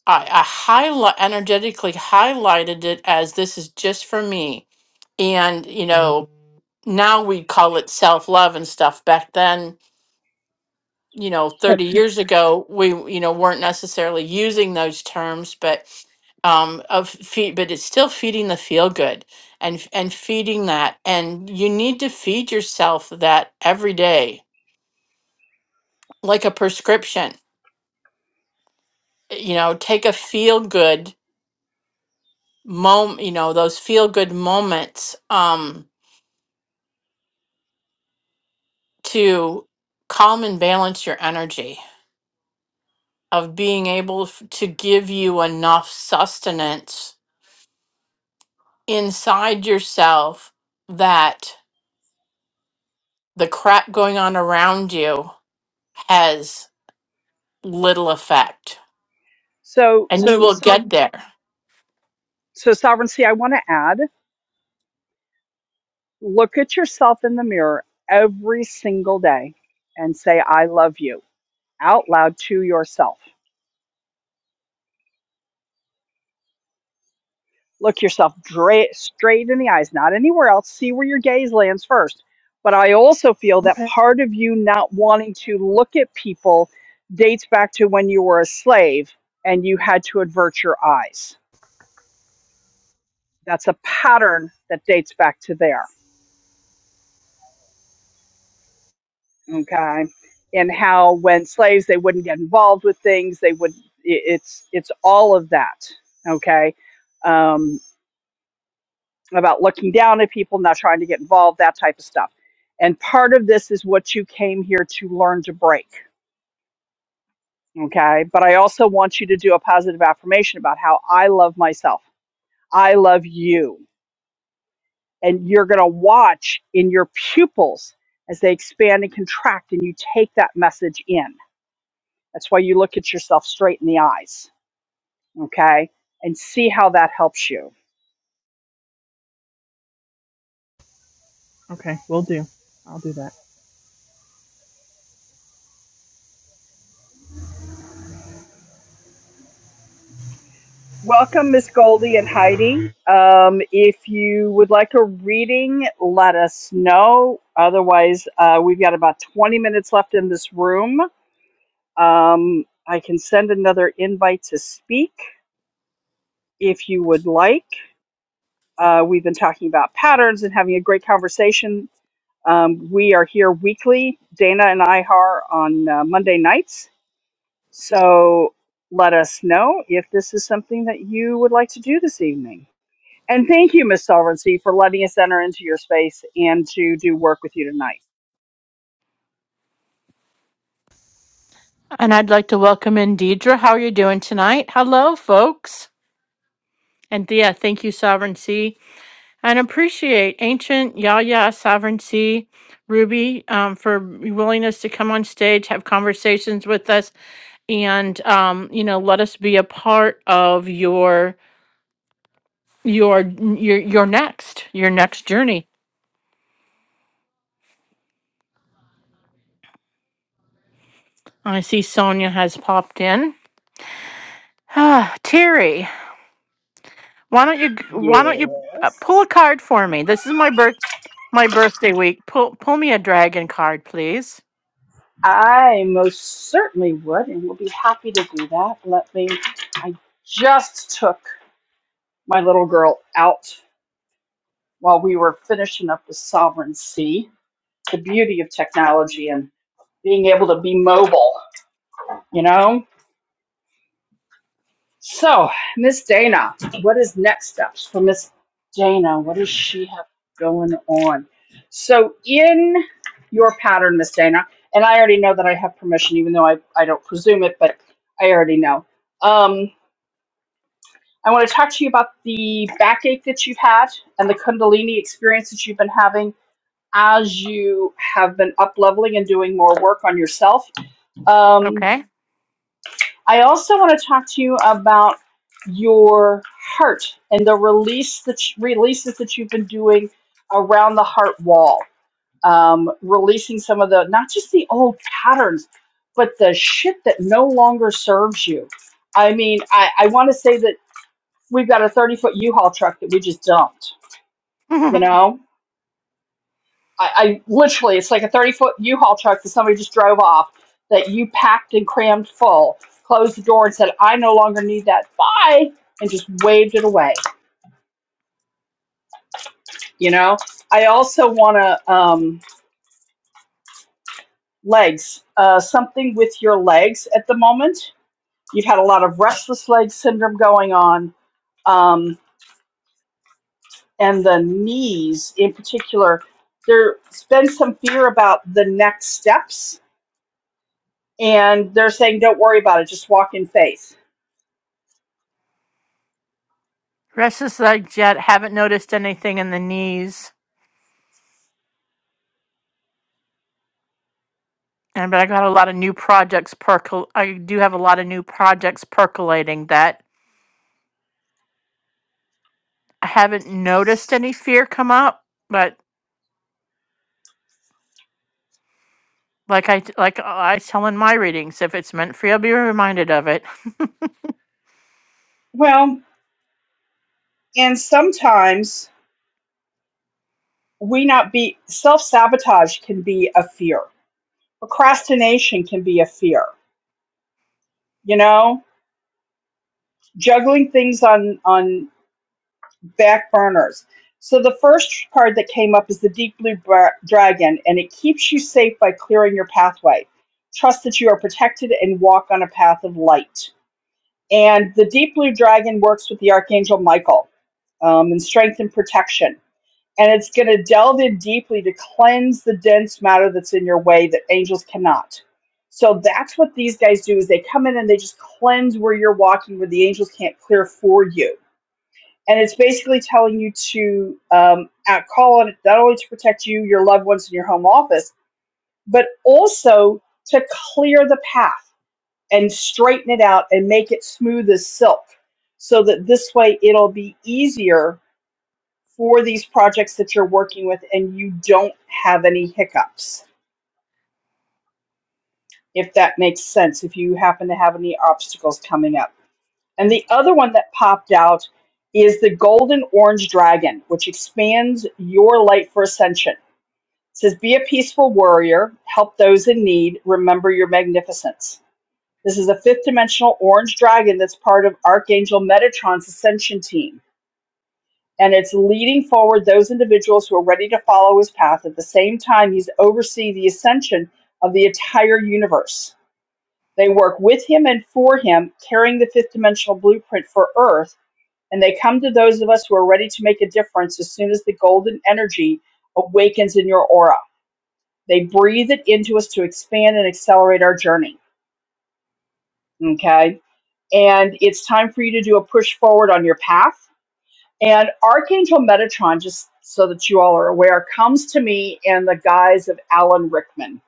I, I highlight energetically highlighted it as this is just for me, and you know now we call it self love and stuff. Back then, you know, thirty years ago, we you know weren't necessarily using those terms, but um of feed, but it's still feeding the feel good and and feeding that, and you need to feed yourself that every day like a prescription. You know, take a feel good mom you know those feel good moments um to calm and balance your energy of being able f- to give you enough sustenance inside yourself that the crap going on around you has little effect
So
and you
so
will
so,
get there
so sovereignty. I want to add. Look at yourself in the mirror every single day and say I love you out loud to yourself Look yourself dra- straight in the eyes, not anywhere else. See where your gaze lands first. But I also feel that
Okay.
part of you not wanting to look at people dates back to when you were a slave and you had to avert your eyes. That's a pattern that dates back to there. Okay. And how when slaves, they wouldn't get involved with things. They would, i- it's, it's all of that. Okay. Um, about looking down at people, not trying to get involved, that type of stuff. And part of this is what you came here to learn to break. Okay. But I also want you to do a positive affirmation about how I love myself. I love you. And you're going to watch in your pupils as they expand and contract, and you take that message in. That's why you look at yourself straight in the eyes. Okay. And see how that helps you.
Okay. We'll do. I'll do that.
Welcome, Miss Goldie and Heidi. Um, if you would like a reading, let us know. Otherwise, uh, we've got about 20 minutes left in this room. Um, I can send another invite to speak if you would like. Uh, we've been talking about patterns and having a great conversation. Um, we are here weekly, Dana and I are on uh, Monday nights. So let us know if this is something that you would like to do this evening. And thank you, Miss Sovereignty, for letting us enter into your space and to do work with you tonight.
and i'd like to welcome in deidre how are you doing tonight hello folks and thea thank you sovereignty and appreciate ancient Yaya sovereignty, Ruby, um, for willingness to come on stage, have conversations with us, and um, you know, let us be a part of your your your your next your next journey. I see Sonia has popped in. Ah, Terry, why don't you why don't you uh,
Yes.
pull a card for me? This is my birth my birthday week. Pull pull me a dragon card, please.
I most certainly would and will be happy to do that. Let me, I just took my little girl out while we were finishing up the sovereignty, the beauty of technology and being able to be mobile, you know? So, Miss Dana, what is next steps for Miss Dana? What does she have going on? So, in your pattern, Miss Dana, and I already know that I have permission, even though I, I don't presume it, but I already know. Um, I want to talk to you about the backache that you've had and the Kundalini experience that you've been having as you have been up leveling and doing more work on yourself. Um,
Okay.
I also want to talk to you about your heart and the release that releases that you've been doing around the heart wall, um, releasing some of the not just the old patterns, but the shit that no longer serves you. I mean, I, I want to say that we've got a thirty foot U-Haul truck that we just dumped, you know, I, I literally, it's like a 30 foot U-Haul truck that somebody just drove off that you packed and crammed full, closed the door and said, I no longer need that. Bye. And just waved it away. You know, I also want to, um, legs, uh, something with your legs at the moment. You've had a lot of restless leg syndrome going on. Um, and the knees in particular, there's been some fear about the next steps. And they're saying, don't worry about it, just walk in faith
Restless like jet. Haven't noticed anything in the knees. And but I got a lot of new projects percol. I do have a lot of new projects percolating that I haven't noticed any fear come up. But like I like I tell in my readings, if it's meant for you, be reminded of it.
Well, and sometimes we not be self sabotage can be a fear. Procrastination can be a fear, you know, juggling things on on back burners. So the first card that came up is the deep blue Bra- dragon and it keeps you safe by clearing your pathway. Trust that you are protected and walk on a path of light. And the deep blue dragon works with the archangel Michael um, and strength and protection and it's going to delve in deeply to cleanse the dense matter that's in your way that angels cannot so that's what these guys do is they come in and they just cleanse where you're walking where the angels can't clear for you and it's basically telling you to um, out- call on it not only to protect you your loved ones and your home office but also to clear the path and straighten it out and make it smooth as silk so that this way it'll be easier for these projects that you're working with and you don't have any hiccups, if that makes sense, if you happen to have any obstacles coming up. And the other one that popped out is the Golden Orange Dragon, which expands your light for ascension. It says, Be a peaceful warrior, help those in need, remember your magnificence. This is a fifth dimensional orange dragon that's part of Archangel Metatron's ascension team. and it's leading forward those individuals who are ready to follow his path. At the same time, he's oversee the ascension of the entire universe. They work with him and for him, carrying the fifth dimensional blueprint for Earth, and they come to those of us who are ready to make a difference as soon as the golden energy awakens in your aura. They breathe it into us to expand and accelerate our journey. Okay. And it's time for you to do a push forward on your path And Archangel Metatron, just so that you all are aware, comes to me in the guise of Alan Rickman.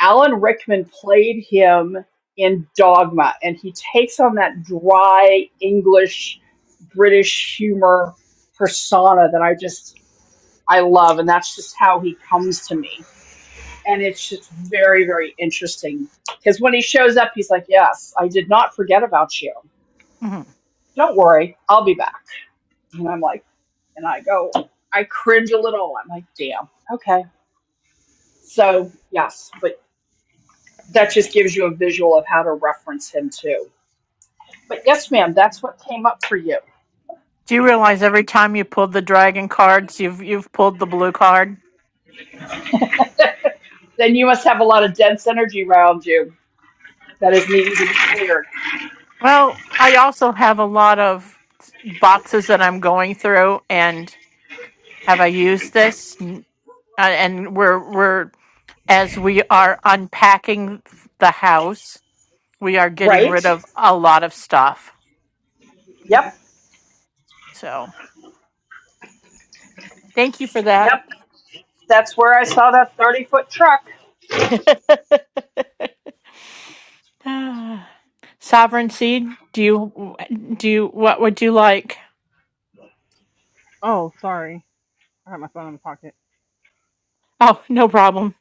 Alan Rickman played him in Dogma, and he takes on that dry English, British humor persona that I just, I love. And that's just how he comes to me. And it's just very, very interesting. Because when he shows up, he's like, Yes, I did not forget about you.
Mhm.
Don't worry, I'll be back. And I'm like, and I go, I cringe a little. I'm like, damn. Okay. So, yes, but that just gives you a visual of how to reference him too. But yes, ma'am, that's what came up for you.
Do you realize every time you pulled the dragon cards, you've you've pulled the blue card?
Then you must have a lot of dense energy around you that is needing to be cleared.
Well, I also have a lot of boxes that I'm going through, and have I used this? uh, and we're we're as we are unpacking the house, we are getting
Right?
rid of a lot of stuff.
Yep.
So thank you for that.
Yep. That's where I saw that 30 foot truck.
Sovereign seed, do you do you, what would you like?
Oh, sorry. I had my phone in my pocket.
Oh, no problem.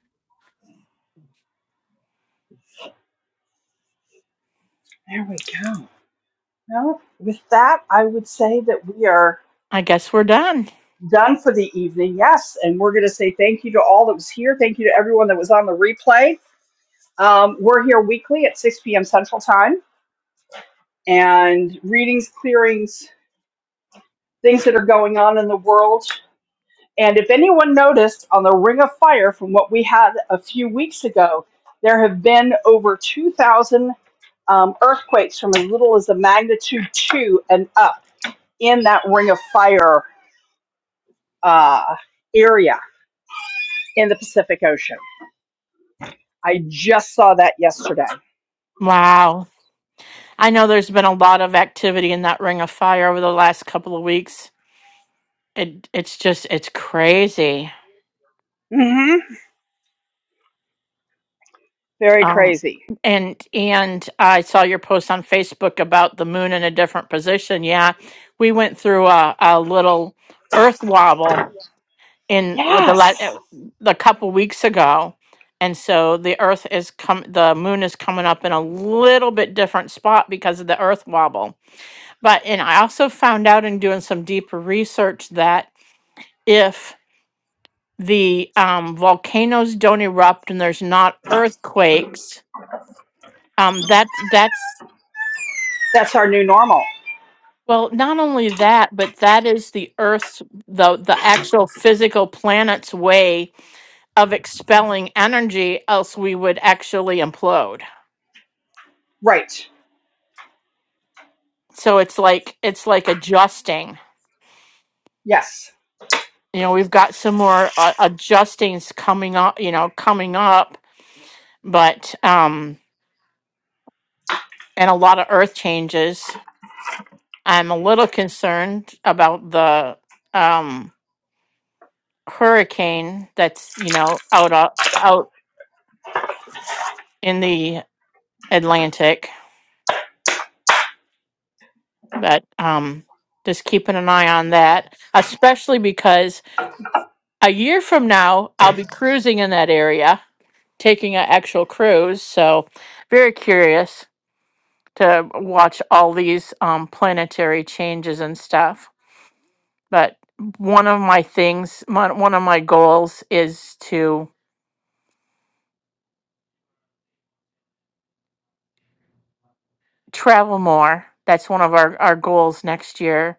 There we go. Well, with that, I would say that we are
I guess we're done.
done for the evening. Yes. And we're going to say thank you to all that was here. Thank you to everyone that was on the replay. Um, we're here weekly at 6 p.m. Central Time and readings, clearings, things that are going on in the world. And if anyone noticed on the Ring of Fire from what we had a few weeks ago, there have been over 2,000 um, earthquakes from as little as a magnitude two and up in that Ring of Fire uh, area in the Pacific Ocean. I just saw that yesterday.
Wow. I know there's been a lot of activity in that ring of fire over the last couple of weeks. It it's just it's crazy.
hmm Very
Um,
crazy.
and and I saw your post on Facebook about the moon in a different position. Yeah, we went through a, a little Earth wobble in with the la-
Yes,
uh, the couple weeks ago, and so the Earth is come the moon is coming up in a little bit different spot because of the Earth wobble. But and I also found out in doing some deeper research that if the um, volcanoes don't erupt and there's not earthquakes um that that's
that's our new normal.
Well, not only that, but that is the Earth's the the actual physical planet's way of expelling energy, else we would actually implode.
Right.
So it's like it's like adjusting.
Yes.
You know, we've got some more uh, adjustings coming up. You know, coming up, but um, and a lot of Earth changes. I'm a little concerned about the um hurricane that's you know out uh, out in the Atlantic but um just keeping an eye on that especially because a year from now i'll be cruising in that area taking an actual cruise so very curious to watch all these um, planetary changes and stuff but one of my things my, one of my goals is to travel more that's one of our, our goals next year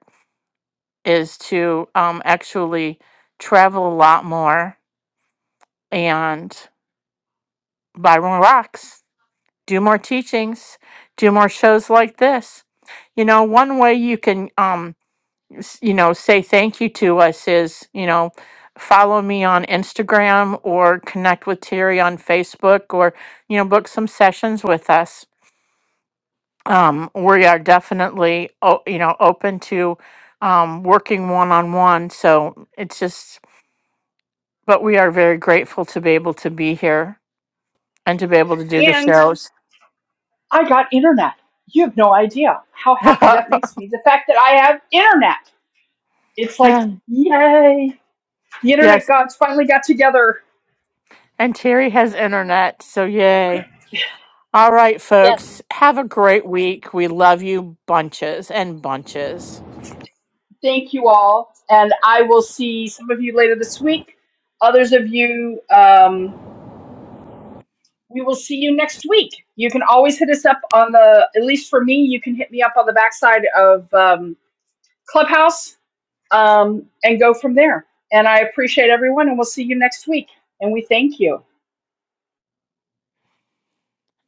is to um, actually travel a lot more and buy more rocks do more teachings, do more shows like this. You know, one way you can, um, s- you know, say thank you to us is, you know, follow me on Instagram or connect with Terry on Facebook or, you know, book some sessions with us. Um, we are definitely, o- you know, open to um, working one on one. So it's just, but we are very grateful to be able to be here and to be able to do the
And
shows.
I got internet. You have no idea how happy that makes me. The fact that I have internet. It's like,
Yeah.
yay. The
yes,
internet gods finally got together.
And Terry has internet, so yay. All right,
Yes,
folks. Have a great week. We love you bunches and bunches.
Thank you all. And I will see some of you later this week. Others of you, um, we will see you next week. You can always hit us up on the, at least for me, you can hit me up on the backside of um, Clubhouse um, and go from there. And I appreciate everyone, and we'll see you next week. And we thank you.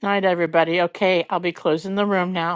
Night, everybody. Okay, I'll be closing the room now.